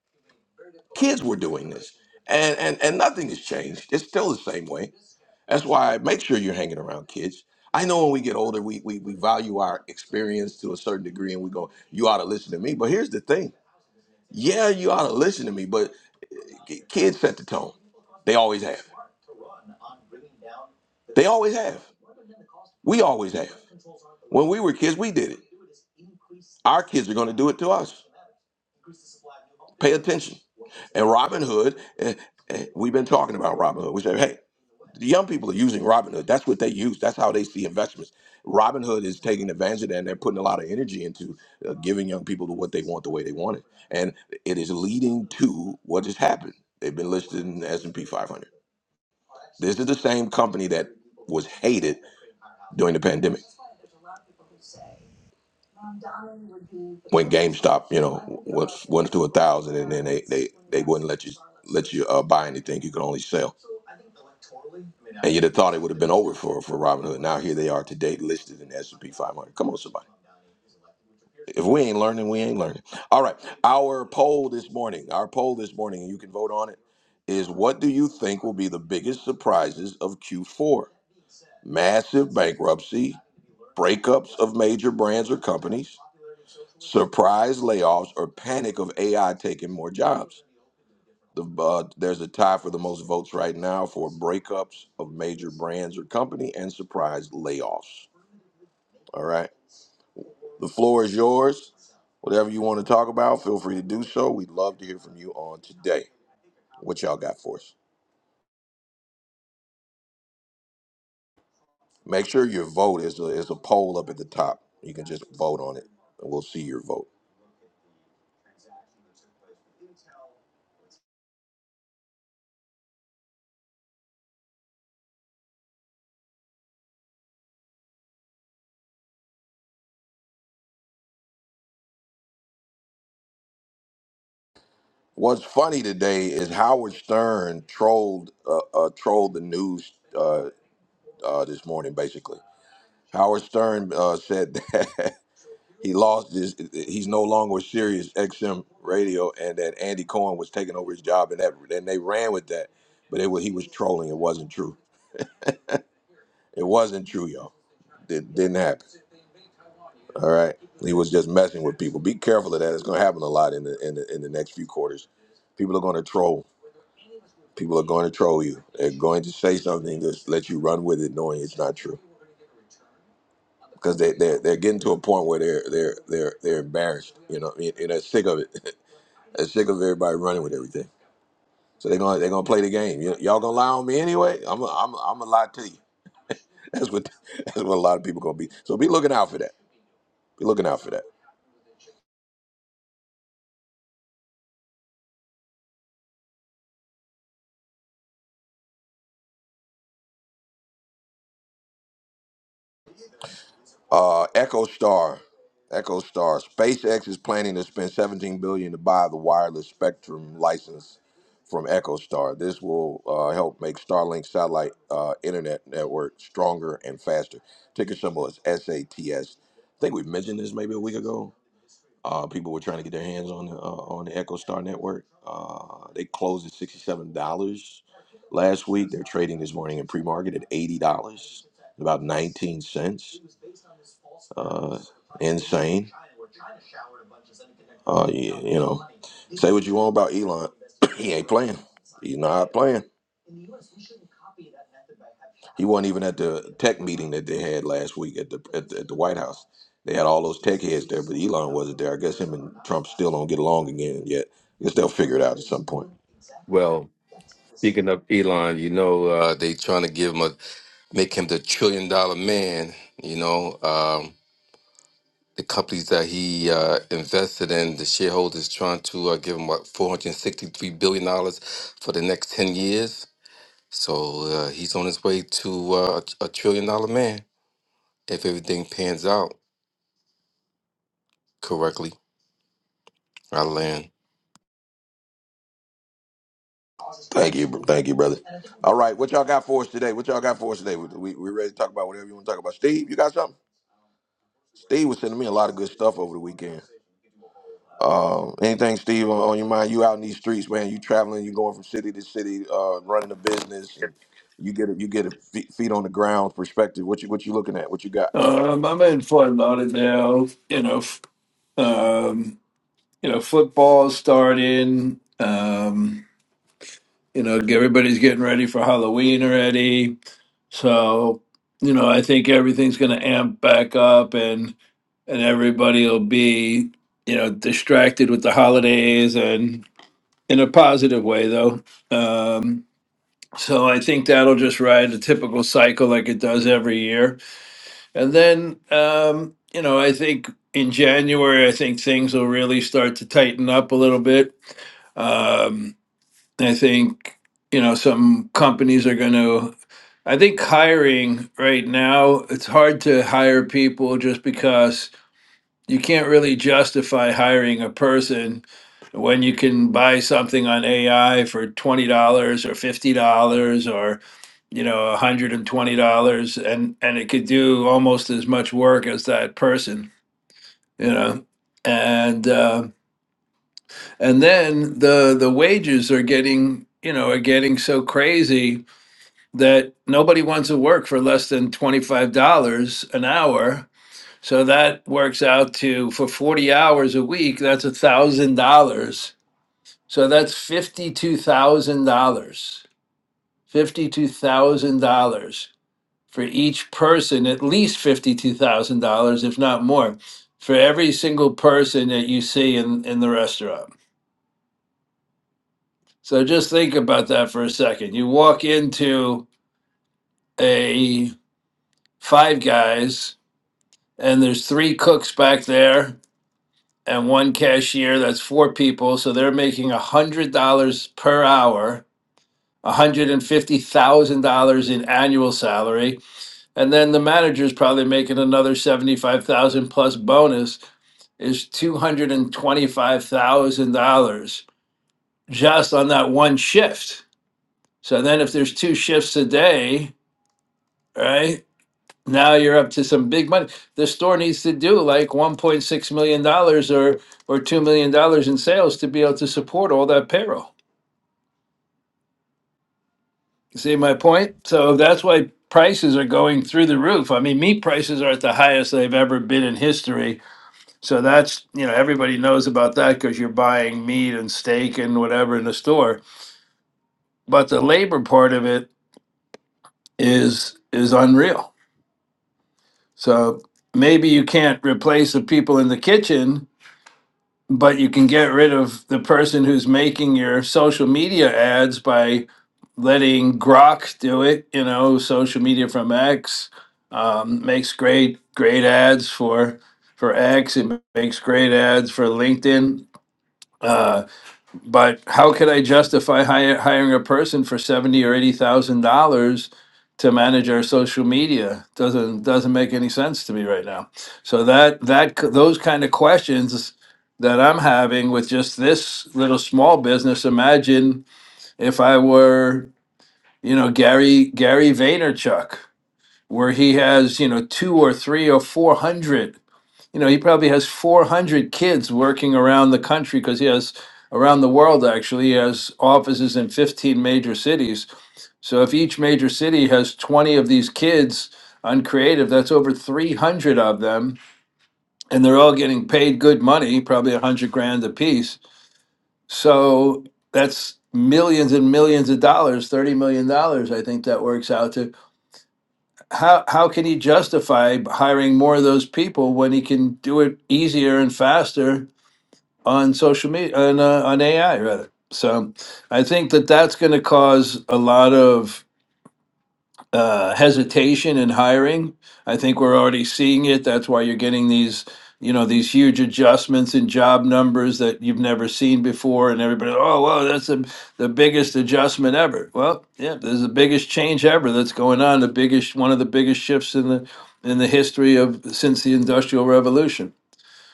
Speaker 1: Kids were doing this. And and and nothing has changed. It's still the same way. That's why I make sure you're hanging around kids. I know when we get older, we, we we value our experience to a certain degree, and we go, "You ought to listen to me." But here's the thing: yeah, you ought to listen to me, but eh, k- kids set the tone. They always have. They always have. We always have. When we were kids, we did it. Our kids are going to do it to us. Pay attention. And Robin Hood, eh, eh, we've been talking about Robin Hood. We say, hey, the young people are using Robinhood. That's what they use. That's how they see investments. Robinhood is taking advantage of that, and they're putting a lot of energy into uh, giving young people to what they want the way they want it, and it is leading to what has happened. They've been listed in the S and P 500. This is the same company that was hated during the pandemic when GameStop, you know, was went to a thousand, and then they they they wouldn't let you let you uh, buy anything. You could only sell. And you'd have thought it would have been over for for Robinhood. Now here they are today, listed in the S and P 500. Come on, somebody. If we ain't learning, we ain't learning. All right, our poll this morning, our poll this morning, and you can vote on it, is what do you think will be the biggest surprises of Q4? Massive bankruptcy, breakups of major brands or companies surprise layoffs or panic of AI taking more jobs. The, uh, there's a tie for the most votes right now for breakups of major brands or company and surprise layoffs. All right. The floor is yours. Whatever you want to talk about, feel free to do so. We'd love to hear from you on today. What y'all got for us? Make sure your vote is a, is a poll up at the top. You can just vote on it, and we'll see your vote. What's funny today is Howard Stern trolled uh, uh, trolled the news. uh, uh, this morning, basically. Howard Stern uh, said that *laughs* he lost his, he's no longer with Sirius XM radio, and that Andy Cohen was taking over his job, and that and they ran with that, but it was he was trolling. It wasn't true. It wasn't true, y'all. It didn't happen. All right, he was just messing with people. Be careful of that. It's going to happen a lot in the in the, in the next few quarters. People are going to troll. People are going to troll you. They're going to say something to let you run with it, knowing it's not true. because they they're, they're getting to a point where they're they're they're they're embarrassed. You know, and, and they're sick of it. *laughs* they're sick of everybody running with everything. So they're gonna they're gonna play the game. You, y'all gonna lie on me anyway? I'm i I'm i am I'm gonna lie to you. *laughs* That's what that's what a lot of people gonna be. So be looking out for that. Be looking out for that. Uh, Echo Star, Echo Star. SpaceX is planning to spend 17 billion to buy the wireless spectrum license from Echo Star. This will uh, help make Starlink satellite uh, internet network stronger and faster. Ticker symbol is SATS. think we mentioned this maybe a week ago. Uh, people were trying to get their hands on the uh, on the Echo Star network. Uh, they closed at sixty seven dollars last week. They're trading this morning in pre market at eighty dollars about 19 cents. Uh, insane. Uh, you, you know, say what you want about Elon. *coughs* he ain't playing. He's not playing. He wasn't even at the tech meeting that they had last week at the at the, at the White House. They had all those tech heads there, but Elon wasn't there. I guess him and Trump still don't get along again yet. I guess they'll figure it out at some point.
Speaker 5: Well, speaking of Elon, you know uh, they trying to give him a make him the trillion dollar man. You know um, the companies that he uh, invested in, the shareholders trying to uh, give him what 463 billion dollars for the next 10 years. So uh, he's on his way to uh, a a trillion dollar man if everything pans out correctly. I land.
Speaker 1: Thank you, bro- thank you, brother. All right, what y'all got for us today? What y'all got for us today? We, we, we ready to talk about whatever you want to talk about. Steve, you got something? Steve was sending me a lot of good stuff over the weekend. Um, anything, Steve, on, on your mind? You out in these streets, man. You traveling. You going from city to city, uh, running a business, and you get a, you get a fe- feet on the ground perspective. What you what you looking at? What you got?
Speaker 8: Um, I'm in Fort Lauderdale. You know, f- um, you know, football's starting. Um, you know, everybody's getting ready for Halloween already. So, you know, I think everything's going to amp back up, and and everybody will be, you know, distracted with the holidays, and in a positive way though. Um, so I think that'll just ride the typical cycle like it does every year And then, um, you know, I think in January, I think things will really start to tighten up a little bit. Um, I think, you know, some companies are going to, I think hiring right now, it's hard to hire people just because you can't really justify hiring a person when you can buy something on AI for twenty dollars or fifty dollars or you know one hundred and twenty dollars and and it could do almost as much work as that person you know and uh, and then the the wages are getting you know are getting so crazy that nobody wants to work for less than twenty five dollars an hour so that works out to for 40 hours a week, that's a thousand dollars. So that's fifty-two thousand dollars. Fifty-two thousand dollars for each person, at least fifty-two thousand dollars, if not more, for every single person that you see in, in the restaurant. So just think about that for a second. You walk into a five guys and there's three cooks back there and one cashier that's four people so they're making $100 per hour $150,000 in annual salary and then the manager's probably making another 75,000 plus bonus is $225,000 just on that one shift so then if there's two shifts a day right now you're up to some big money. The store needs to do like one point six million dollars or or two million dollars in sales to be able to support all that payroll. You See my point? So that's why prices are going through the roof. I mean, meat prices are at the highest they've ever been in history. So that's you know everybody knows about that because you're buying meat and steak and whatever in the store. But the labor part of it is is unreal. So maybe you can't replace the people in the kitchen but you can get rid of the person who's making your social media ads by letting Grok do it. You know, social media from X um, makes great great ads for for X. It makes great ads for LinkedIn. Uh, but how could I justify hire, hiring a person for seventy or eighty thousand dollars to manage our social media? Doesn't doesn't make any sense to me right now. So that that c- those kind of questions that I'm having with just this little small business. Imagine if I were you know Gary Gary Vaynerchuk, where he has you know two or three or four hundred you know he probably has 400 kids working around the country because he has around the world actually he has offices in 15 major cities so if each major city has 20 of these kids on creative that's over 300 of them and they're all getting paid good money probably 100 grand a piece so that's millions and millions of dollars 30 million dollars i think that works out to how how can he justify hiring more of those people when he can do it easier and faster on social media on uh, on AI rather. So I think that that's going to cause a lot of uh, hesitation in hiring. I think we're already seeing it. That's why you're getting these you know these huge adjustments in job numbers that you've never seen before and everybody oh wow that's the, the biggest adjustment ever well yeah there's the biggest change ever that's going on the biggest one of the biggest shifts in the in the history of since the industrial revolution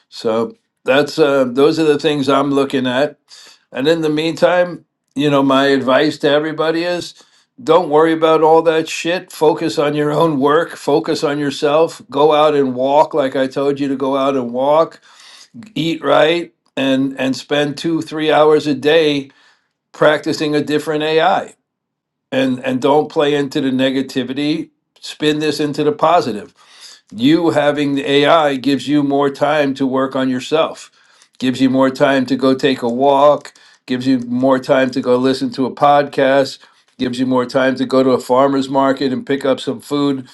Speaker 8: so that's uh, those are the things i'm looking at and in the meantime, you know, my advice to everybody is don't worry about all that shit. Focus on your own work, focus on yourself, go out and walk like I told you to go out and walk, eat right, and and spend 2-3 hours a day practicing a different AI. And and don't play into the negativity, spin this into the positive you having the AI gives you more time to work on yourself, gives you more time to go take a walk, gives you more time to go listen to a podcast, gives you more time to go to a farmer's market and pick up some food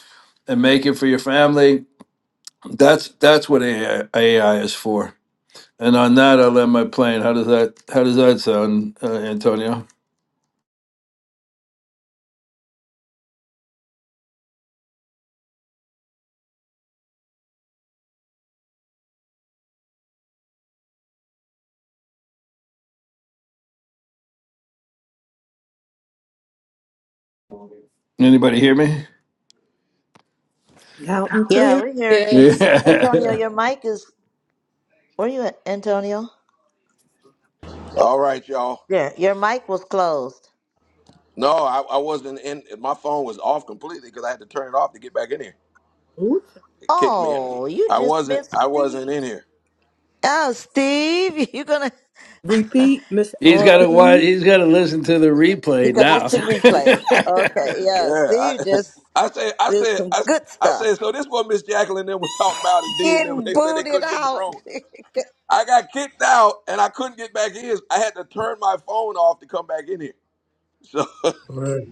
Speaker 8: and make it for your family. That's that's what AI, is for. And on that, I'll end my plane. How does that How does that sound, uh, Antonio? Anybody hear me? *laughs*
Speaker 2: Loud and
Speaker 4: Yeah,
Speaker 2: clear.
Speaker 4: we heard you.
Speaker 9: Yes.
Speaker 4: Antonio,
Speaker 8: Yeah,
Speaker 4: your mic is. Where you at, Antonio?
Speaker 1: All right, y'all.
Speaker 4: Yeah, Your mic was closed.
Speaker 1: No, I, I wasn't in. My phone was off completely because I had to turn it off to get back in here.
Speaker 2: Woo-cha,
Speaker 1: It kicked me.
Speaker 4: Oh, you
Speaker 1: I
Speaker 4: just
Speaker 1: wasn't.
Speaker 4: missed
Speaker 1: I wasn't
Speaker 4: Steve.
Speaker 1: in here.
Speaker 4: Oh, Steve, you're gonna. *laughs*
Speaker 2: Repeat, Mr.
Speaker 8: he's got to.
Speaker 4: well,
Speaker 8: watch.
Speaker 2: C.
Speaker 8: He's got to listen to the
Speaker 4: you
Speaker 8: replay
Speaker 4: gotta listen
Speaker 8: now.
Speaker 4: to the
Speaker 2: woo-cha.
Speaker 4: replay.
Speaker 8: *laughs*
Speaker 4: Okay, yeah,
Speaker 1: Yeah, I,
Speaker 4: Steve just
Speaker 1: *laughs* I said, I
Speaker 4: did
Speaker 1: said,
Speaker 4: some
Speaker 1: I,
Speaker 4: good
Speaker 1: I
Speaker 4: stuff.
Speaker 1: said. So this what Miss Jacqueline and them was talking about and did them. *laughs*
Speaker 4: Getting
Speaker 1: They said they
Speaker 4: booted
Speaker 1: couldn't get in the
Speaker 4: out.
Speaker 1: room.
Speaker 4: *laughs*
Speaker 1: I got kicked out and I couldn't get back in. I had to turn my phone off to come back in here. So, *laughs*
Speaker 3: Look,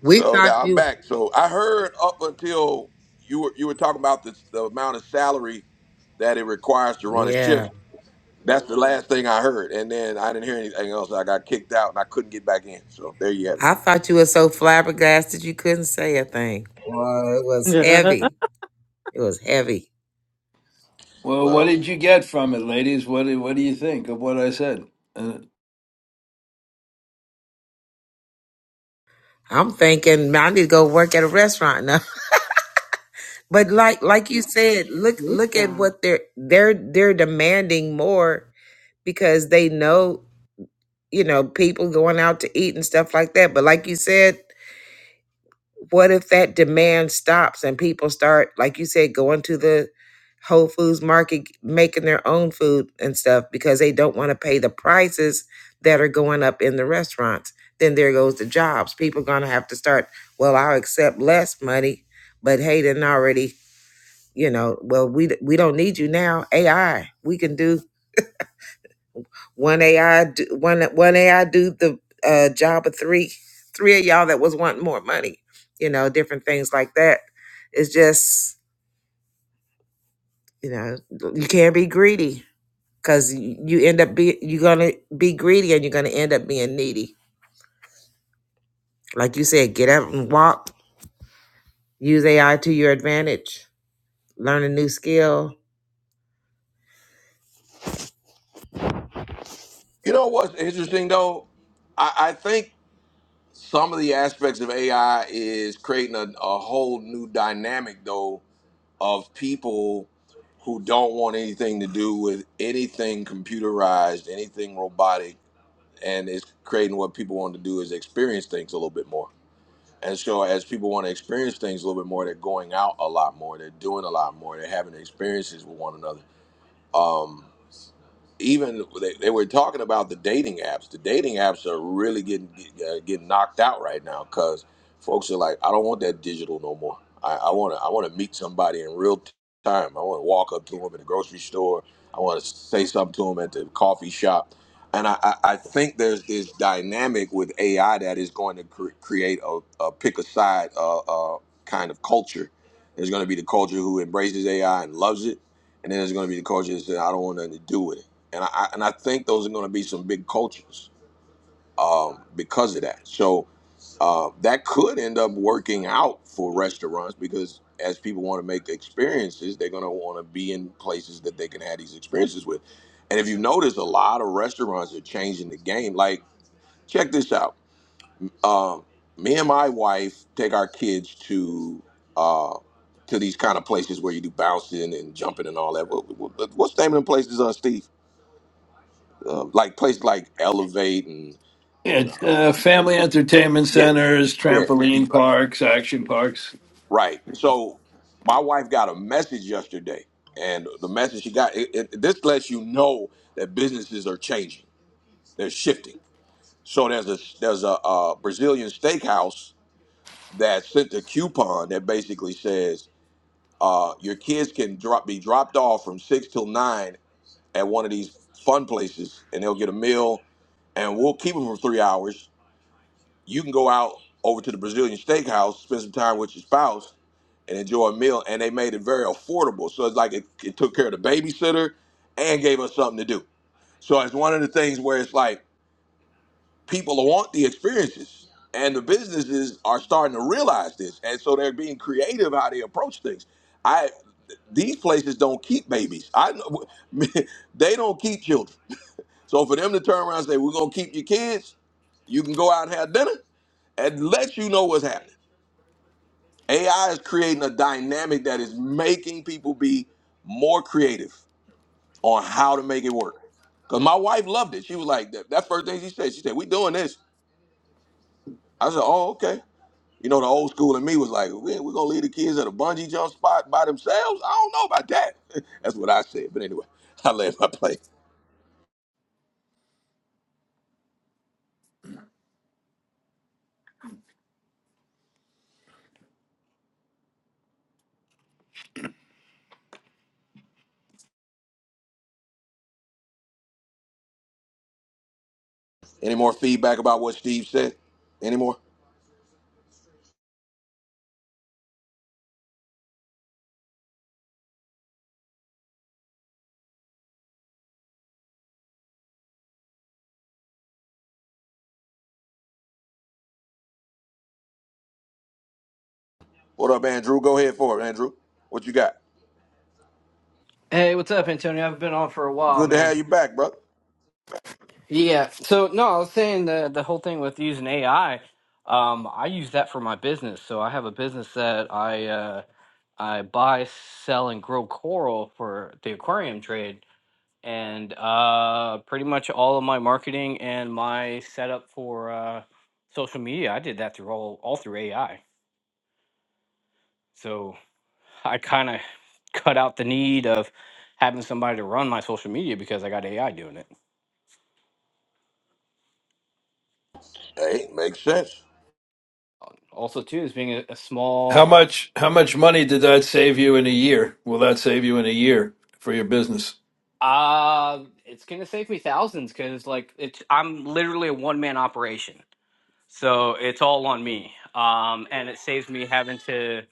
Speaker 3: We
Speaker 1: so
Speaker 3: thought
Speaker 1: now I'm
Speaker 3: you...
Speaker 1: back. So I heard up until you were you were talking about the, the amount of salary that it requires to run a
Speaker 3: Yeah.
Speaker 1: shift. That's the last thing I heard, and then I didn't hear anything else. I got kicked out and I couldn't get back in. So there you have it.
Speaker 3: I thought you were so flabbergasted you couldn't say a thing. Well, it was
Speaker 2: *laughs*
Speaker 3: heavy. It was heavy.
Speaker 8: Well, what
Speaker 1: Well,
Speaker 8: did you get from it, ladies? What do, what do you think of what I said? Uh,
Speaker 3: I'm thinking, man, I need to go work at a restaurant now. But like like you said, look
Speaker 2: Ooh,
Speaker 3: look at
Speaker 2: cha.
Speaker 3: what they're they're they're demanding more because they know, you know, people going out to eat and stuff like that. But like you said, what if that demand stops and people start, like you said, going to the Whole Foods market making their own food and stuff because they don't want to pay the prices that are going up in the restaurants. Then there goes the jobs. People gonna have to start, well, I'll accept less money, but hey, then already you know well we we don't need you now ai we can do one ai do, one one ai do the uh job of three three of y'all that was wanting more money you know different things like that it's just you know you can't be greedy because you end up be you're gonna be greedy and you're gonna end up being needy like you said get up and walk use ai to your advantage learn a new skill
Speaker 1: you know what's interesting though? I, I think. Some of the aspects of AI is creating a, a whole new dynamic, though, of people who don't want anything to do with anything computerized, anything robotic, and it's creating what people want to do is experience things a little bit more. And so, as people want to experience things a little bit more, they're going out a lot more, they're doing a lot more, they're having experiences with one another. Um, even they, they were talking about the dating apps. The dating apps are really getting uh, getting knocked out right now because folks are like, I don't want that digital no more. I want to I want to meet somebody in real t- time. I want to walk up to them in the grocery store. I want to say something to them at the coffee shop. And I, I, I think there's this dynamic with AI that is going to cre- create a, a pick a side uh, uh, kind of culture. There's going to be the culture who embraces AI and loves it, and then there's going to be the culture that says, I don't want nothing to do with it and I and I think those are going to be some big cultures um, because of that. So uh, that could end up working out for restaurants because as people want to make experiences, they're going to want to be in places that they can have these experiences with. And if you notice, a lot of restaurants are changing the game. Like, check this out. Um, me and my wife take our kids to uh, to these kind of places where you do bouncing and jumping and all that. What, what, what's the name of them places, uh, Steve? um, like places like Elevate and and uh,
Speaker 8: it, uh, family entertainment
Speaker 1: yeah,
Speaker 8: centers,
Speaker 1: yeah, DeFi.
Speaker 8: trampoline parks, action parks.
Speaker 1: right. So my wife got a message yesterday, and the message she got it, it, this lets you know that businesses are changing, they're shifting. So there's a there's a, uh Brazilian steakhouse that sent a coupon that basically says uh, your kids can drop be dropped off from six till nine at one of these fun places, and they'll get a meal, and we'll keep them for three hours You can go out over to the Brazilian steakhouse, spend some time with your spouse, and enjoy a meal. And they made it very affordable. So it's like it, it took care of the babysitter and gave us something to do. So it's one of the things where it's like people want the experiences. And the businesses are starting to realize this. And so they're being creative how they approach things. I these places don't keep babies. I know *laughs* they don't keep children. So for them to turn around and say, We're gonna keep your kids, you can go out and have dinner and lets you know what's happening. AI is creating a dynamic that is making people be more creative on how to make it work. Cause my wife loved it. She was like, that, that first thing she said, she said, "We doing this." I said, "Oh, okay." You know, the old school in me was like, "We we gonna leave the kids at a bungee jump spot by themselves." I don't know about that. *laughs* That's what I said. But anyway, *laughs* I land my plane. Any more feedback about what Steve said? Any more? What up, Andrew? Go ahead for it, Andrew. What you got?
Speaker 10: Hey, what's up, Antonio? I've been on for a while,
Speaker 1: Good to
Speaker 10: man.
Speaker 1: have you back, brother.
Speaker 10: Yeah. So no, I was saying the the whole thing with using AI. Um, I use that for my business. So I have a business that I uh, I buy, sell, and grow coral for the aquarium trade, and uh, pretty much all of my marketing and my setup for uh, social media, I did that through all all through AI. So I kind of cut out the need of having somebody to run my social media because I got AI doing it.
Speaker 1: Hey, makes sense.
Speaker 10: also too is being a, a
Speaker 8: How
Speaker 10: small
Speaker 8: much how much money did that save you in a year? Will that save you in a year for your business?
Speaker 10: uh it's gonna save me thousands because like it's i'm literally a one-man operation so it's all on me um and it saves me having to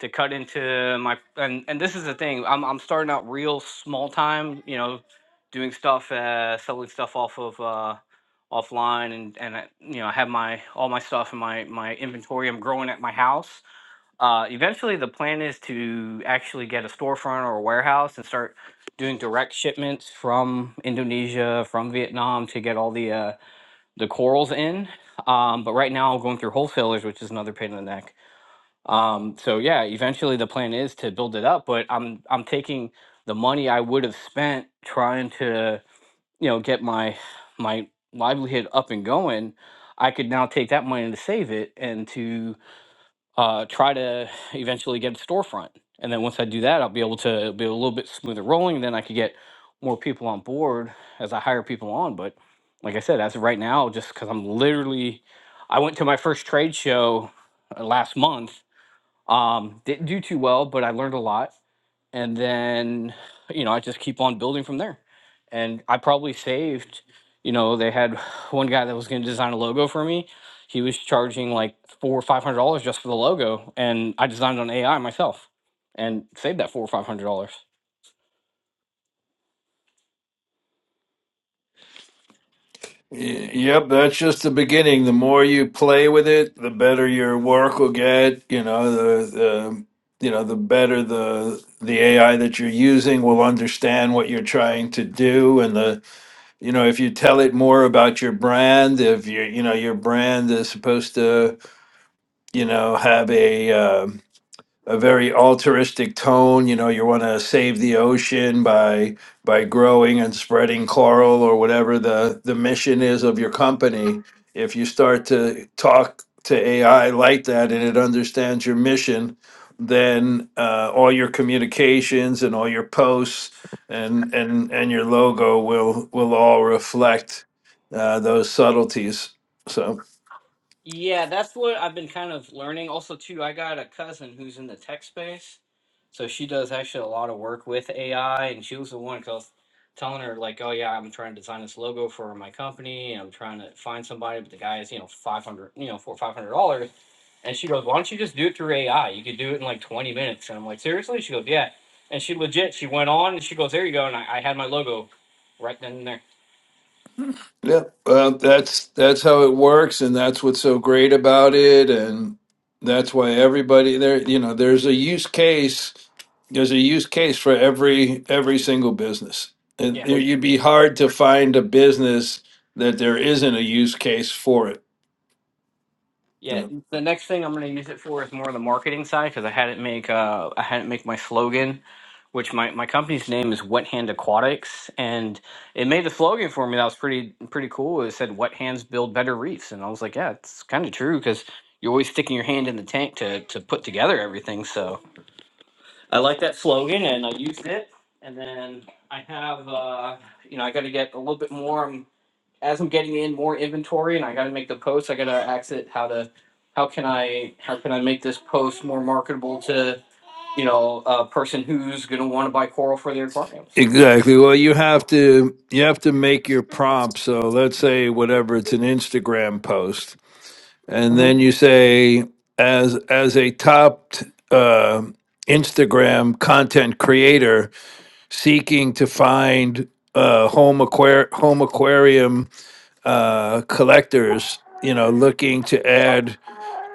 Speaker 10: to cut into my and and this is the thing i'm, I'm starting out real small time you know doing stuff uh selling stuff off of uh offline and and I, you know i have my all my stuff in my my inventory i'm growing at my house Uh, eventually, the plan is to actually get a storefront or a warehouse and start doing direct shipments from Indonesia, from Vietnam to get all the uh, the corals in. Um, but right now, I'm going through wholesalers, which is another pain in the neck. Um, so yeah, eventually the plan is to build it up, but I'm I'm taking the money I would have spent trying to you know get my my livelihood up and going. I could now take that money to save it and to uh, try to eventually get a storefront. And then once I do that, I'll be able to be a little bit smoother rolling. Then I could get more people on board as I hire people on. But like I said, as of right now, just because I'm literally, I went to my first trade show uh, last month. Um, didn't do too well, but I learned a lot and then you know i just keep on building from there and i probably saved you know they had *sighs* one guy that was going to design a logo for me he was charging like four or five hundred dollars just for the logo and i designed it on ai myself and saved that four or five hundred dollars
Speaker 8: Y- Yep, that's just the beginning. The more you play with it, the better your work will get. You know the, the you know the better the the AI that you're using will understand what you're trying to do, and the you know if you tell it more about your brand if you you know your brand is supposed to you know have a uh, a very altruistic tone. You know, you want to save the ocean by by growing and spreading coral or whatever the the mission is of your company. If you start to talk to AI like that and it understands your mission, then uh, all your communications and all your posts and and and your logo will will all reflect uh, those subtleties. So.
Speaker 10: Yeah, that's what I've been kind of learning. Also, too, I got a cousin who's in the tech space, so she does actually a lot of work with AI, and she was the one because telling her like, "Oh yeah, I'm trying to design this logo for my company, and I'm trying to find somebody, but the guy is you know five hundred, you know, for five hundred dollars." And she goes, "Why don't you just do it through AI? You could do it in like twenty minutes." And I'm like, "Seriously?" She goes, "Yeah." And she legit, she went on and she goes, "There you go." And I, I had my logo right then and there.
Speaker 8: Yeah, well, that's that's how it works, and that's what's so great about it, and that's why everybody there, you know, there's a use case, there's a use case for every every single business, and
Speaker 10: Yeah.
Speaker 8: there- you'd be hard to find a business that there isn't a use case for it.
Speaker 10: Yeah,
Speaker 8: Yeah.
Speaker 10: the next thing I'm going to use it for is more of the marketing side because I had it make uh I had it make my slogan, which my my company's name is Wet Hand Aquatics, and it made a slogan for me that was pretty pretty cool. It said "Wet hands build better reefs," and I was like, yeah, it's kind of true because you're always sticking your hand in the tank to to put together everything. So I like that slogan, and I used it, and then I have uh you know I got to get a little bit more. um, as I'm getting in more inventory and I got to make the posts, I got to exit how to how can I how can I make this post more marketable to you know a person who's gonna want to buy coral for their aquariums.
Speaker 8: Exactly. Well, you have to you have to make your prompt. So let's say whatever it's an Instagram post. and then
Speaker 10: Mhm.
Speaker 8: you say as as a top uh, Instagram content creator seeking to find uh, home aquar- home aquarium uh, collectors, you know, looking to add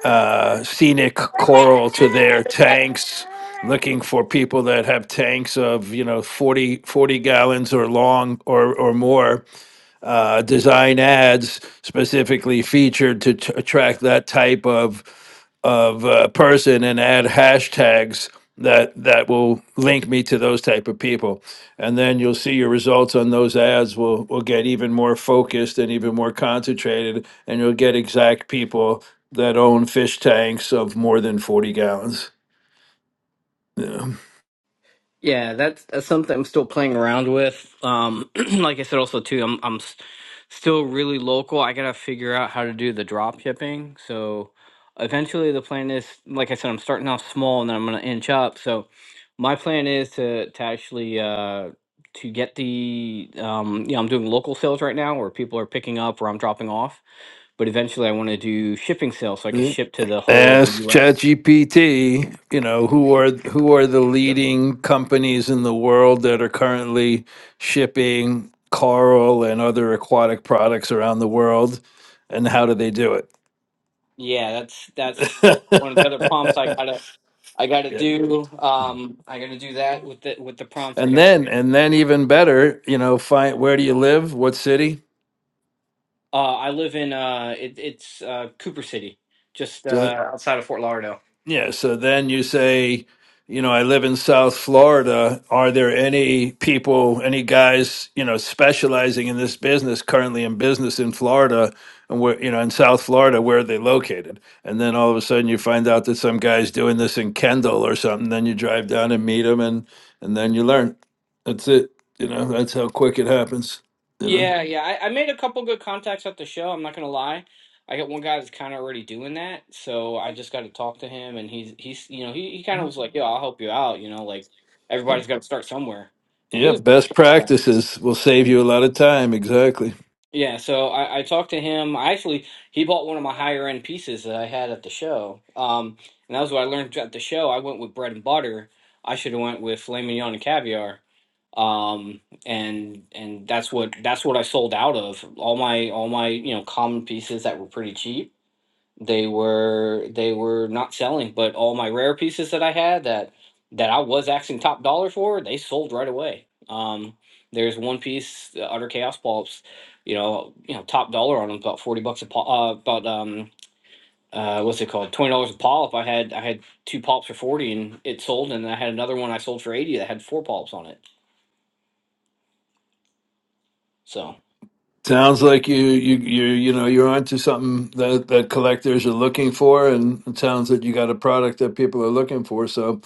Speaker 8: uh, scenic coral to their tanks. Looking for people that have tanks of you know 40 40 gallons or long or or more, uh, design ads specifically featured to t- attract that type of of uh, person and add hashtags that that will link me to those type of people and then you'll see your results on those ads will will get even more focused and even more concentrated and you'll get exact people that own fish tanks of more than 40 gallons yeah.
Speaker 10: Yeah, that's, that's something I'm still playing around with. Um, *clears throat* like I said, also too, I'm I'm s- still really local. I gotta figure out how to do the drop shipping. So eventually, the plan is, like I said, I'm starting off small and then I'm gonna inch up. So my plan is to to actually uh, to get the um, you know, I'm doing local sales right now where people are picking up or I'm dropping off. but eventually I want to do shipping sales so I can ship to the whole of the
Speaker 8: ask
Speaker 10: US.
Speaker 8: ChatGPT, you know, who are who are the leading companies in the world that are currently shipping coral and other aquatic products around the world and how do they do
Speaker 10: Yeah, that's that's one of the other prompts I
Speaker 8: it? *laughs*
Speaker 10: gotta. I got to
Speaker 8: Yeah.
Speaker 10: do. Um, I got to do that with the with the prompts. I
Speaker 8: And
Speaker 10: got.
Speaker 8: then and then even better, you know, find where do you live? What city?
Speaker 10: Uh, I live in uh, it, it's uh, Cooper City, just uh, outside of Fort Lauderdale.
Speaker 8: Yeah, so then you say, you know, I live in South Florida. Are there any people, any guys, you know, specializing in this business currently in business in Florida and where, you know, in South Florida, where are they located? And then all of a sudden you find out that some guy's doing this in Kendall or something. Then you drive down and meet him and and then you learn. That's it. You know, that's how quick it happens. You know.
Speaker 10: Yeah, yeah. I, I made a couple good contacts at the show. I'm not gonna lie. I got one guy that's kind of already doing that, so I just got to talk to him, and he's he's you know he, he kind of was like, "Yo, I'll help you out." You know, like everybody's got to start somewhere, and he
Speaker 8: Yeah,
Speaker 10: was.
Speaker 8: best practices will save you a lot of time. Exactly.
Speaker 10: Yeah, so I, I talked to him. I actually he bought one of my higher end pieces that I had at the show. Um, and that was what I learned at the show. I went with bread and butter. I should have went with filet mignon and caviar. Um, and and that's what that's what I sold out of. All my all my you know common pieces that were pretty cheap they were they were not selling but all my rare pieces that i had that that i was asking top dollar for they sold right away um there's one piece the utter chaos pulps you know you know top dollar on them about 40 bucks a pop uh, about um uh, what's it called? Twenty dollars a polyp. I had I had two polyps for forty, and it sold. And I had another one I sold for eighty that had four polyps on it. So
Speaker 8: Sounds like you you you you know you're onto something that that collectors are looking for, and it sounds that you got a product that people are looking for. So,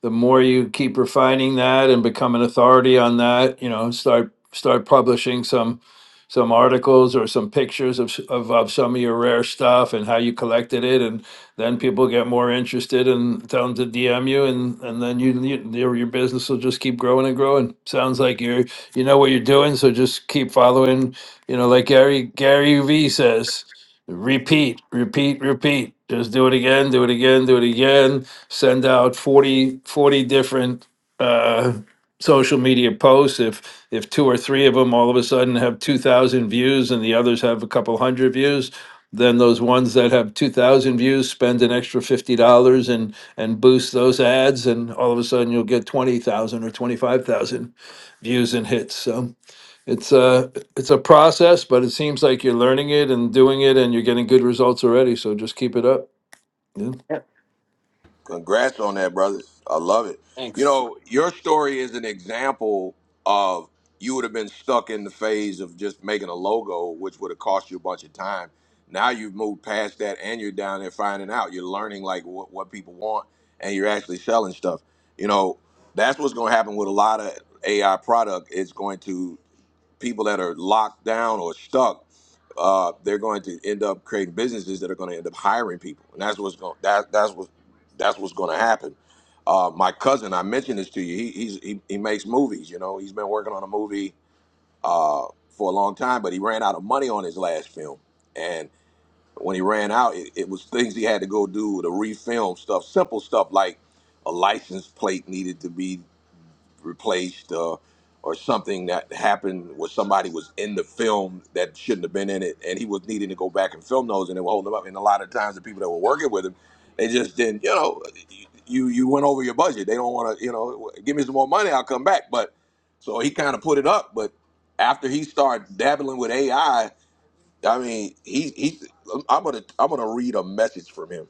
Speaker 8: the more you keep refining that and become an authority on that, you know, start start publishing some some articles or some pictures of s- of, of some of your rare stuff and how you collected it, and then people get more interested and tell them to DM you, and and then you, you your your business will just keep growing and growing. Sounds like you're you know what you're doing, so just keep following you know, like Gary Gary V says, repeat, repeat, repeat. Just do it again, do it again, do it again. Send out 40 40 different uh, social media posts. If if two or three of them all of a sudden have two thousand views and the others have a couple hundred views, then those ones that have two thousand views spend an extra fifty dollars and and boost those ads, and all of a sudden you'll get twenty thousand or twenty five thousand views and hits. So it's a it's a process, but it seems like you're learning it and doing it, and you're getting good results already. So just keep it up. Yeah.
Speaker 10: Yep.
Speaker 1: Congrats on that, brother. I love it. You
Speaker 10: thanks.
Speaker 1: know, your story is an example of you would have been stuck in the phase of just making a logo, which would have cost you a bunch of time. Now you've moved past that, and you're down there finding out. You're learning like what, what people want, and you're actually selling stuff. You know, that's what's going to happen with a lot of AI product. It's going to people that are locked down or stuck, uh, they're going to end up creating businesses that are going to end up hiring people, and that's what's going that that's what that's what's going to happen. Uh, my cousin, I mentioned this to you. He he's, he he makes movies. You know, he's been working on a movie uh, for a long time, but he ran out of money on his last film, and when he ran out, it, it was things he had to go do to refilm stuff, simple stuff like a license plate needed to be replaced uh, or something that happened where somebody was in the film that shouldn't have been in it and he was needing to go back and film those and they were holding him up and a lot of times the people that were working with him they just didn't you know you you went over your budget they don't want to you know give me some more money i'll come back but so he kind of put it up but after he started dabbling with ai i I mean he he i'm gonna i'm gonna read a message from him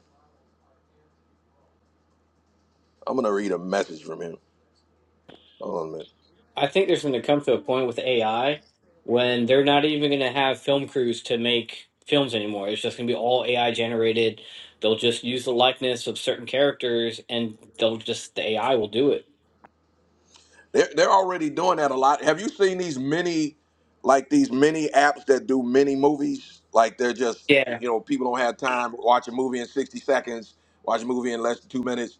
Speaker 1: i'm gonna read a message from him Hold on a minute.
Speaker 10: I think there's going to come to a point with AI when they're not even going to have film crews to make films anymore. It's just going to be all AI generated. They'll just use the likeness of certain characters, and they'll just the AI will do it.
Speaker 1: They're they're already doing that a lot. Have you seen these mini, like these mini apps that do mini movies? Like they're just
Speaker 10: Yeah.
Speaker 1: you know people don't have time watch a movie in sixty seconds, watch a movie in less than two minutes.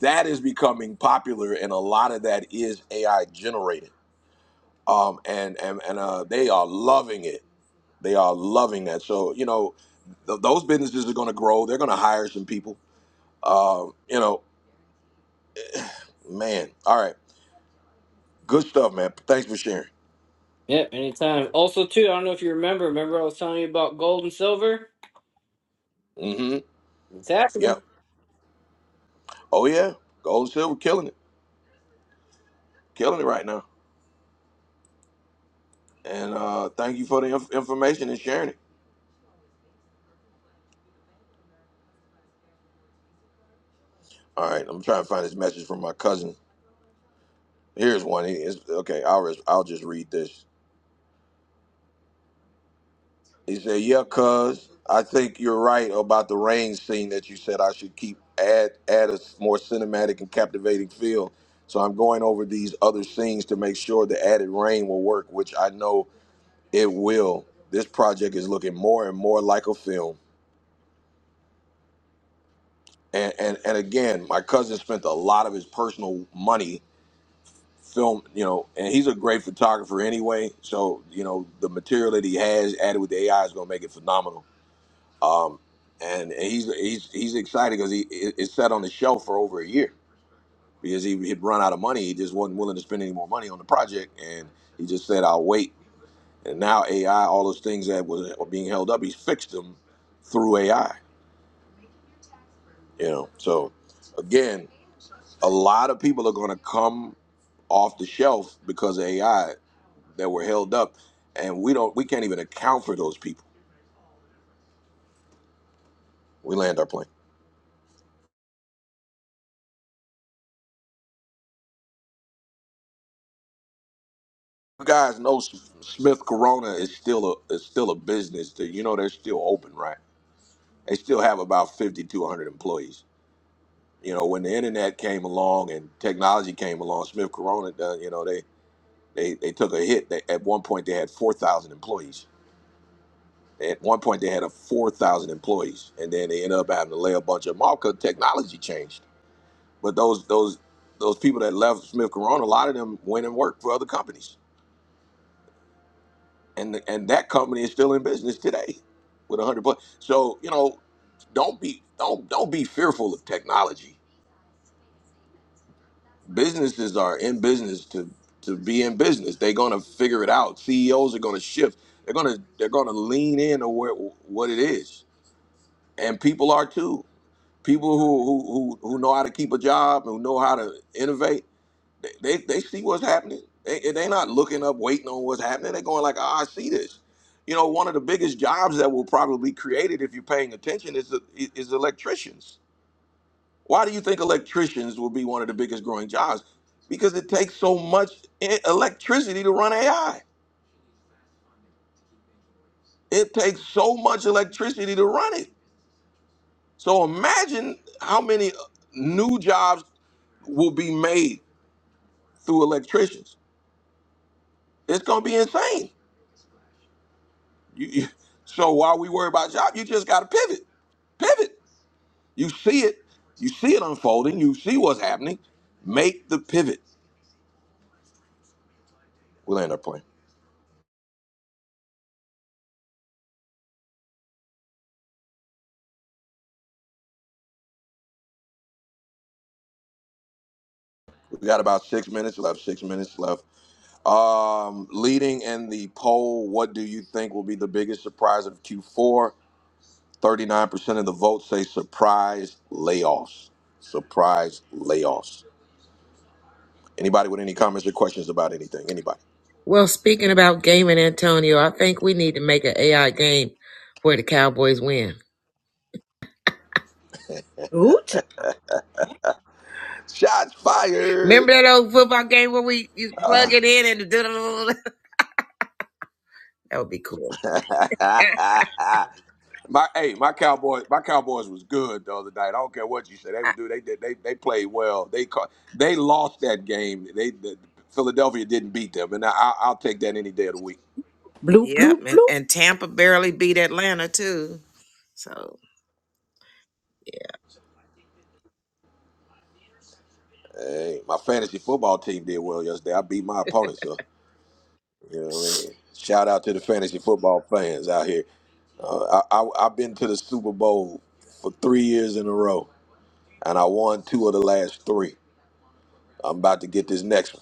Speaker 1: That is becoming popular, and a lot of that is AI generated. Um, and and and uh, they are loving it. They are loving that. So you know th- those businesses are going to grow. They're going to hire some people. Uh, you know, man. All right, good stuff, man. Thanks for sharing.
Speaker 10: Yep. Anytime. Also, too, I don't know if you remember. Remember, I was telling you about gold and silver.
Speaker 1: Mm-hmm.
Speaker 10: It's
Speaker 1: Yep.
Speaker 10: happening.
Speaker 1: Oh yeah, gold and silver killing it, killing it right now. And uh, thank you for the inf- information and sharing it. All right, I'm trying to find this message from my cousin. Here's one. He is okay. I'll res- I'll just read this. He said, "Yeah, cuz I think you're right about the rain scene that you said I should keep add add a s- more cinematic and captivating feel. So I'm going over these other scenes to make sure the added rain will work, which I know it will. This project is looking more and more like a film." and, and and again, my cousin spent a lot of his personal money film, you know, and he's a great photographer anyway. So you know, the material that he has added with the AI is going to make it phenomenal. Um, and and he's he's he's excited because he it, it sat on the shelf for over a year because he had run out of money. He just wasn't willing to spend any more money on the project, and he just said, "I'll wait." And now AI, all those things that was were being held up, he's fixed them through AI. You know, so again, a lot of people are going to come off the shelf because of AI that were held up, and we don't we can't even account for those people. We land our plane. You guys know Smith Corona is still a is still a business. That, you know they're still open, right? They still have about fifty to one hundred employees. You know when the internet came along and technology came along, Smith Corona, uh, you know they they they took a hit. They, at one point they had four thousand employees. At one point they had a four thousand employees, and then they ended up having to lay a bunch of them off 'cause technology changed But those those those people that left Smith Corona, a lot of them went and worked for other companies, and the, and that company is still in business today, with a hundred plus. So you know, don't be don't don't be fearful of technology. Businesses are in business to to be in business. They're gonna figure it out. CEOs are gonna shift. They're gonna they're gonna lean in to where, what it is, and people are too. People who who who who know how to keep a job and who know how to innovate They, they, they see what's happening. They, and they not looking up, waiting on what's happening. They're going like, oh, I see this. You know, one of the biggest jobs that will probably be created if you're paying attention is, is electricians. Why do you think electricians will be one of the biggest growing jobs? Because it takes so much e- electricity to run AI. It takes so much electricity to run it. So imagine how many uh, new jobs will be made through electricians. It's going to be insane You, you- so while we worry about job, you just got to pivot. Pivot. You see it. You see it unfolding. You see what's happening. Make the pivot. We'll end up playing. We got about six minutes left. Six minutes left. Um, leading in the poll, what do you think will be the biggest surprise of Q4? 39% of the votes say surprise layoffs. Surprise layoffs. Anybody with any comments or questions about anything? Anybody?
Speaker 3: Well, speaking about gaming, Antonio, I think we need to make an AI game where the Cowboys win.
Speaker 2: Woo-cha.
Speaker 1: Shots fired.
Speaker 3: Remember that old football game where we you plug
Speaker 1: Uh,
Speaker 3: it in and do *laughs* that would be cool. *laughs*
Speaker 1: *laughs* My hey, my Cowboys, my Cowboys was good the other night. I don't care what you say, they would do. They did. They they played well. They ca- they lost that game. They the, Philadelphia didn't beat them, and I, I- I'll take that any day of the week.
Speaker 2: *laughs* Bloop,
Speaker 3: yep,
Speaker 2: bloop,
Speaker 3: and,
Speaker 2: bloop.
Speaker 3: and Tampa barely beat Atlanta too. So yeah.
Speaker 1: Hey, my fantasy football team did well yesterday. I beat my opponent, so you know what I mean. Shout out to the fantasy football fans out here. Uh, I, I I've been to the Super Bowl for three years in a row, and I won two of the last three. I'm about to get this next one.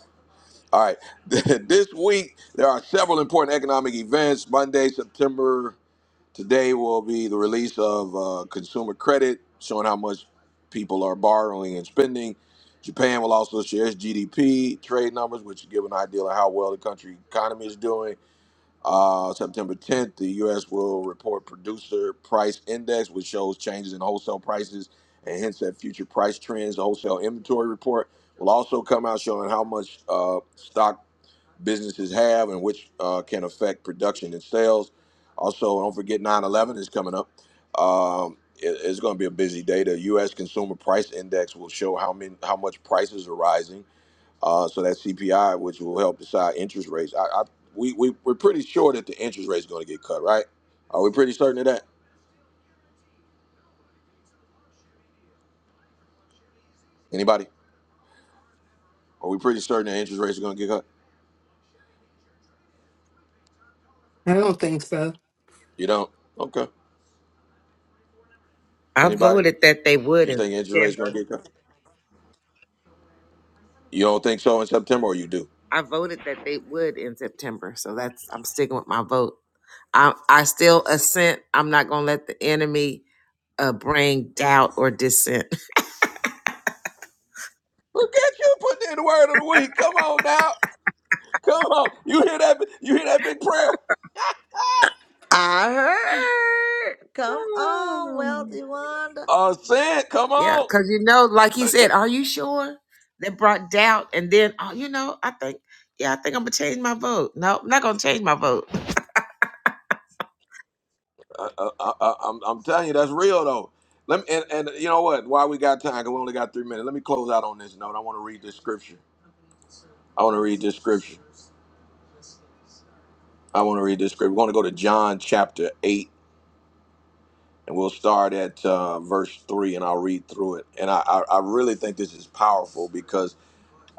Speaker 1: All right. *laughs* this week, there are several important economic events. Monday, September, today will be the release of uh, consumer credit, showing how much people are borrowing and spending. Japan will also share its GDP trade numbers, which give an idea of how well the country economy is doing. Uh, September 10th, the U.S. will report producer price index, which shows changes in wholesale prices and hints at future price trends. The wholesale inventory report will also come out showing how much uh, stock businesses have and which uh, can affect production and sales. Also, don't forget 9 11 is coming up. Um, it- it's going to be a busy day. The U.S. Consumer Price Index will show how many, how much prices are rising. Uh, so that CPI, which will help decide interest rates. I, I we, we we're pretty sure that the interest rates are going to get cut, right? Are we pretty certain of that? Anybody? Are we pretty certain that interest rates are going to get cut?
Speaker 9: I don't think so.
Speaker 1: You don't? Okay.
Speaker 3: I
Speaker 1: Anybody?
Speaker 3: voted that they would
Speaker 1: You
Speaker 3: in
Speaker 1: think interest rates going to
Speaker 3: September.
Speaker 1: get cut? You don't think so in September, or you do?
Speaker 3: I voted that they would in September. So that's I'm sticking with my vote. I I still assent. I'm not gonna let the enemy uh bring doubt or dissent.
Speaker 1: Look at you putting in the word of the week. Come on now. Come on. You hear that? You hear that big prayer?
Speaker 4: I heard. Come on,
Speaker 3: *laughs*
Speaker 4: wealthy Wanda.
Speaker 1: Uh, sin. Come
Speaker 3: Yeah,
Speaker 1: on.
Speaker 3: because you know, like he
Speaker 1: Uh, eh,
Speaker 3: said, are you sure? That brought doubt, and then oh, you know, I think, yeah, I think I'm gonna change my vote. No, I'm not gonna change my vote.
Speaker 1: uh, uh, uh, uh, I'm, I'm telling you, that's real though. Let me, and, and you know what? Why we got time? Cause we only got three minutes. Let me close out on this note. I want to read this scripture. I want to read this scripture. I want to read this scripture. We're going to go to John chapter 8, and we'll start at uh, verse 3, and I'll read through it. And I, I, I really think this is powerful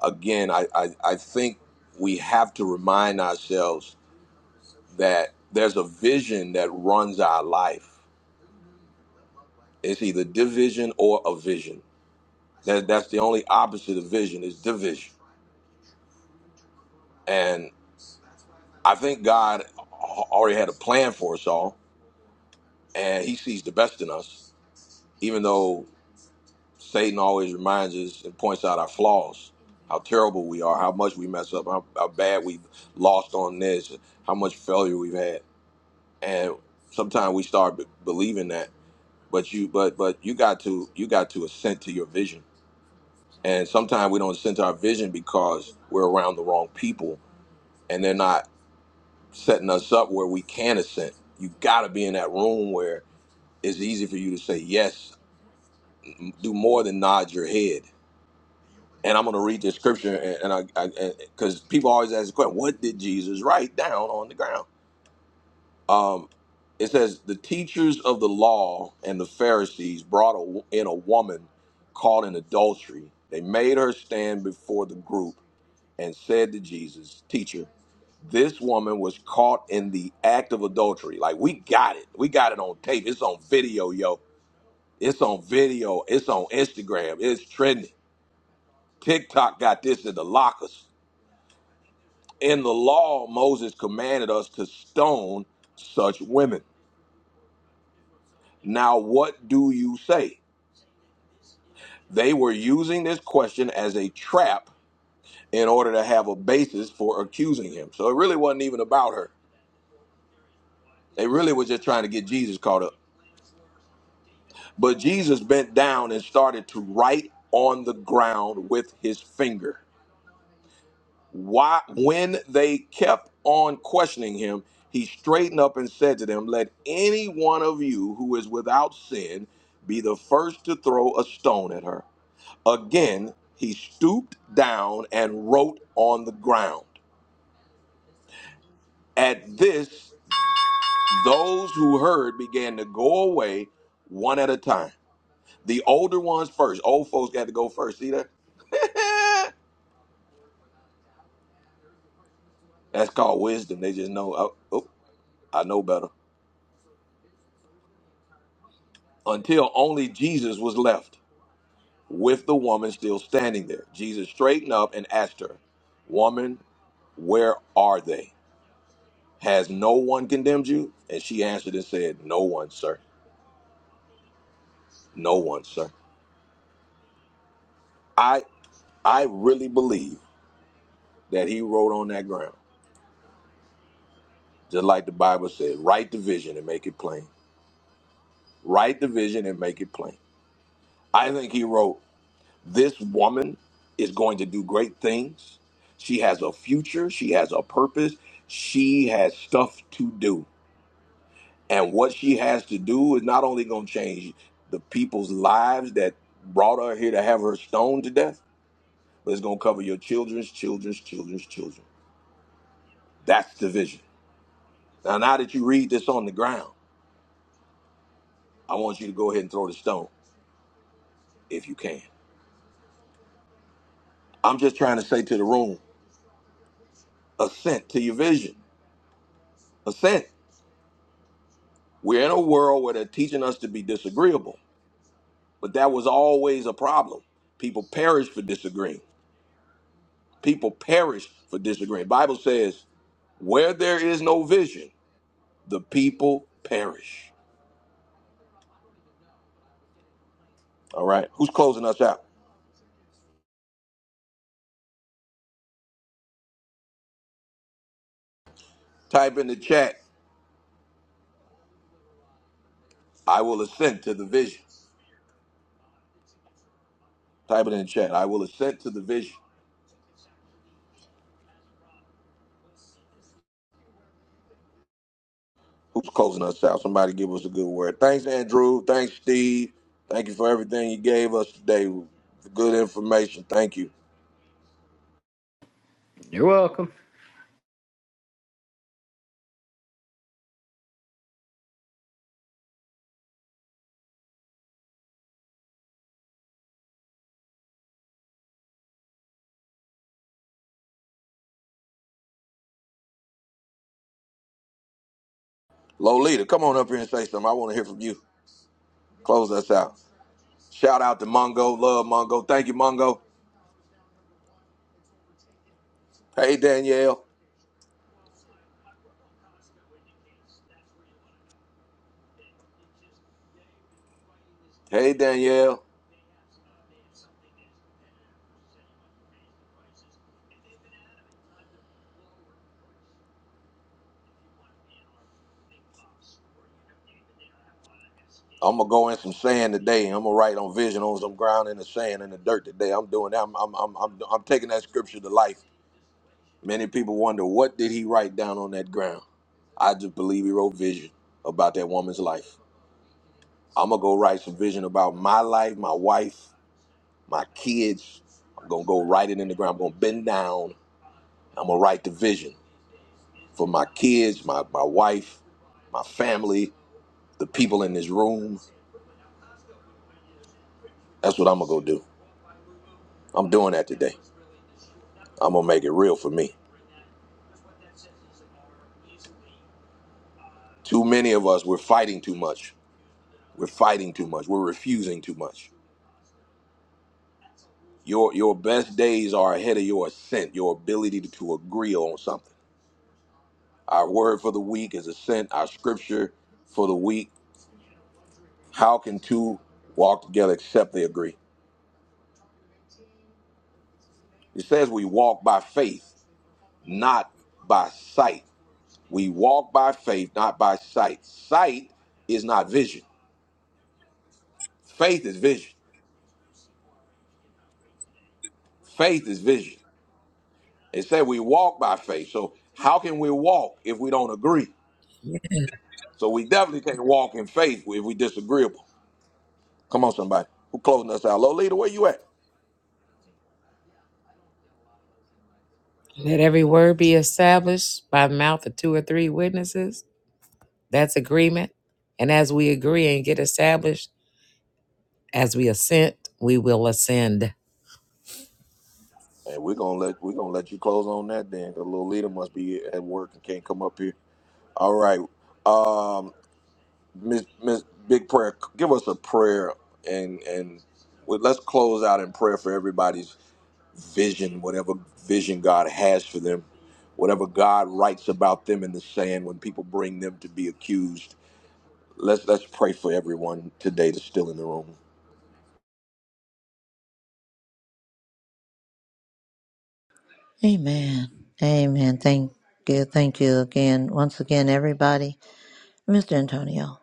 Speaker 1: again, I, I, I think we have to remind ourselves that there's a vision that runs our life. It's either division or a vision. That, that's the only opposite of vision is division. And I think God already had a plan for us all, and He sees the best in us, even though Satan always reminds us and points out our flaws, how terrible we are, how much we mess up, how, how bad we've lost on this, how much failure we've had and sometimes we start b- believing that but you but but you got to you got to assent to your vision and sometimes we don't assent to our vision because we're around the wrong people and they're not setting us up where we can assent you got to be in that room where it's easy for you to say yes m- do more than nod your head and i'm going to read this scripture and, and i because people always ask the question what did jesus write down on the ground Um, it says the teachers of the law and the Pharisees brought a, in a woman caught in adultery. They made her stand before the group and said to Jesus, "Teacher, this woman was caught in the act of adultery. Like we got it, we got it on tape. It's on video, yo. It's on video. It's on Instagram. It's trending. TikTok got this in the lockers. In the law, Moses commanded us to stone such women. Now, what do you say?" They were using this question as a trap in order to have a basis for accusing him. So it really wasn't even about her. They really were just trying to get Jesus caught up. But Jesus bent down and started to write on the ground with his finger. Why when they kept on questioning him, he straightened up and said to them, "Let any one of you who is without sin be the first to throw a stone at her." Again, he stooped down and wrote on the ground. At this, those who heard began to go away one at a time. The older ones first. Old folks got to go first. See that? *laughs* That's called wisdom. They just know, oh, oh, I know better. Until only Jesus was left with the woman still standing there. Jesus straightened up and asked her, Woman, where are they? Has no one condemned you? And she answered and said, No one, sir. No one, sir. I I really believe that he wrote on that ground Just like the Bible said, write the vision and make it plain. Write the vision and make it plain. I think he wrote, This woman is going to do great things. She has a future. She has a purpose. She has stuff to do. And what she has to do is not only going to change the people's lives that brought her here to have her stoned to death, but it's going to cover your children's children's children's children. That's the vision. Now, now that you read this on the ground, I want you to go ahead and throw the stone if you can. I'm just trying to say to the room, assent to your vision. Assent. We're in a world where they're teaching us to be disagreeable, but that was always a problem. People perish for disagreeing. People perish for disagreeing. Bible says, where there is no vision, the people perish. All right. Who's closing us out? Type in the chat, I will assent to the vision. Type it in the chat. I will assent to the vision. Who's closing us out? Somebody give us a good word. Thanks, Andrew. Thanks, Steve. Thank you for everything you gave us today. Good information. Thank you.
Speaker 10: You're
Speaker 1: Lolita, come on up here and say something. I want to hear from you. Close us out. Shout out to Mongo. Love Mongo. Thank you, Mongo. Hey, Danielle. Hey, Danielle. I'm gonna go in some sand today. I'm gonna write on vision on some ground in the sand in the dirt today. I'm doing that. I'm I'm I'm I'm, I'm taking that scripture to life. Many people wonder what did he write down on that ground. I just believe he wrote vision about that woman's life. I'm gonna go write some vision about my life, my wife, my kids. I'm gonna go write it in the ground. I'm gonna bend down. I'm gonna write the vision for my kids, my, my wife, my family, the people in this room. That's what I'm gonna go do. I'm doing that today. I'm gonna make it real for me. Too many of us, we're fighting too much. We're fighting too much. We're refusing too much. Your your best days are ahead of your assent, your ability to, to agree on something. Our word for the week is assent, our scripture for the week. How can two walk together except they agree? It says we walk by faith, not by sight. We walk by faith, not by sight. Sight is not vision. Faith is vision. Faith is vision. It said we walk by faith. So how can we walk if we don't agree? So we definitely can't walk in faith if we disagreeable. Come on, somebody. Who closing us out? Lolita, where you at?
Speaker 3: Let every word be established by the mouth of two or three witnesses. That's agreement. And as we agree and get established, as we assent, we will ascend.
Speaker 1: And we're gonna let we're gonna let you close on that then, because Lolita must be at work and can't come up here. All right, um, Miss Miss Big Prayer, give us a prayer and and we- let's close out in prayer for everybody's vision, whatever vision God has for them, whatever God writes about them in the sand when people bring them to be accused. Let's let's pray for everyone today that's still in the room.
Speaker 4: Amen. Amen. Thank you. Thank you again, once again, everybody, Mr. Antonio,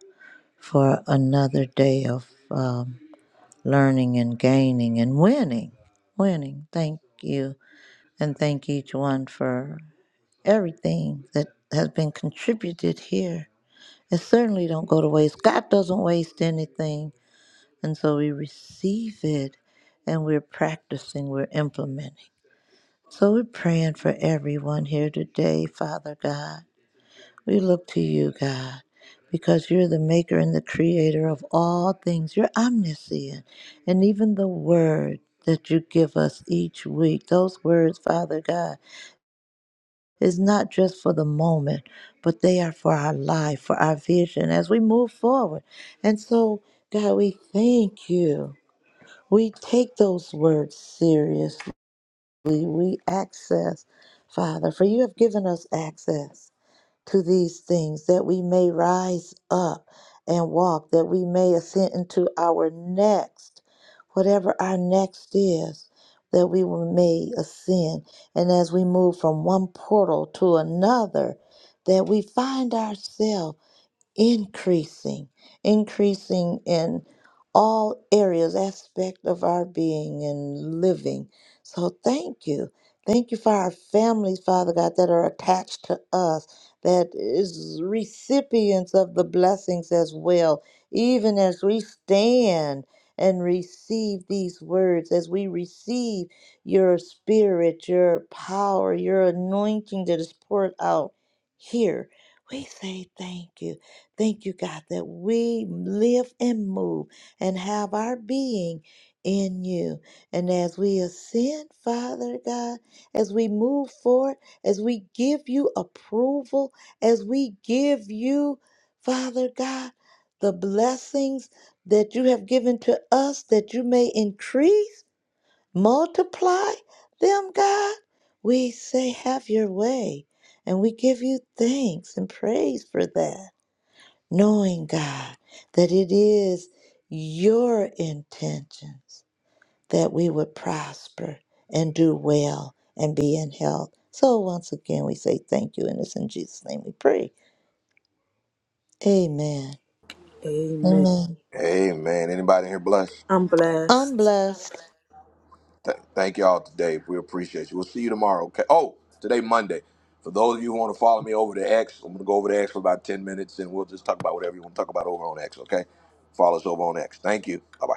Speaker 4: for another day of um, learning and gaining and winning. Winning. Thank you. and thank each one for everything that has been contributed here. It certainly don't go to waste. God doesn't waste anything, and so we receive it, and we're practicing, we're implementing. So we're praying for everyone here today, Father God. We look to you, God, because you're the maker and the creator of all things. You're omniscient. And even the word that you give us each week, those words, Father God, is not just for the moment, but they are for our life, for our vision as we move forward. And so, God, we thank you. We take those words seriously. We access, Father, for you have given us access to these things, that we may rise up and walk, that we may ascend into our next, whatever our next is, that we may ascend. And as we move from one portal to another, that we find ourselves increasing, increasing in all areas, aspect of our being and living. So thank you. Thank you for our families, Father God, that are attached to us, that is recipients of the blessings as well, even as we stand and receive these words, as we receive your spirit, your power, your anointing that is poured out here. We say thank you. Thank you, God, that we live and move and have our being in you. And as we ascend, Father God, as we move forward, as we give you approval, as we give you, Father God, the blessings that you have given to us, that you may increase, multiply them, God, we say, have your way. And we give you thanks and praise for that knowing, God, that it is your intentions that we would prosper and do well and be in health. So once again, we say thank you, and it's in Jesus' name we pray. Amen.
Speaker 2: Amen.
Speaker 4: Amen.
Speaker 1: Amen. Anybody here blessed?
Speaker 2: I'm
Speaker 4: I'm
Speaker 2: blessed.
Speaker 4: blessed.
Speaker 1: Th- thank y'all today. We appreciate you. We'll see you tomorrow. Okay. Oh, today Monday. For those of you who want to follow me over to X, I'm gonna go over to X for about ten minutes, and we'll just talk about whatever you want to talk about over on X. Okay. Follow us over on X. Thank you. Bye bye.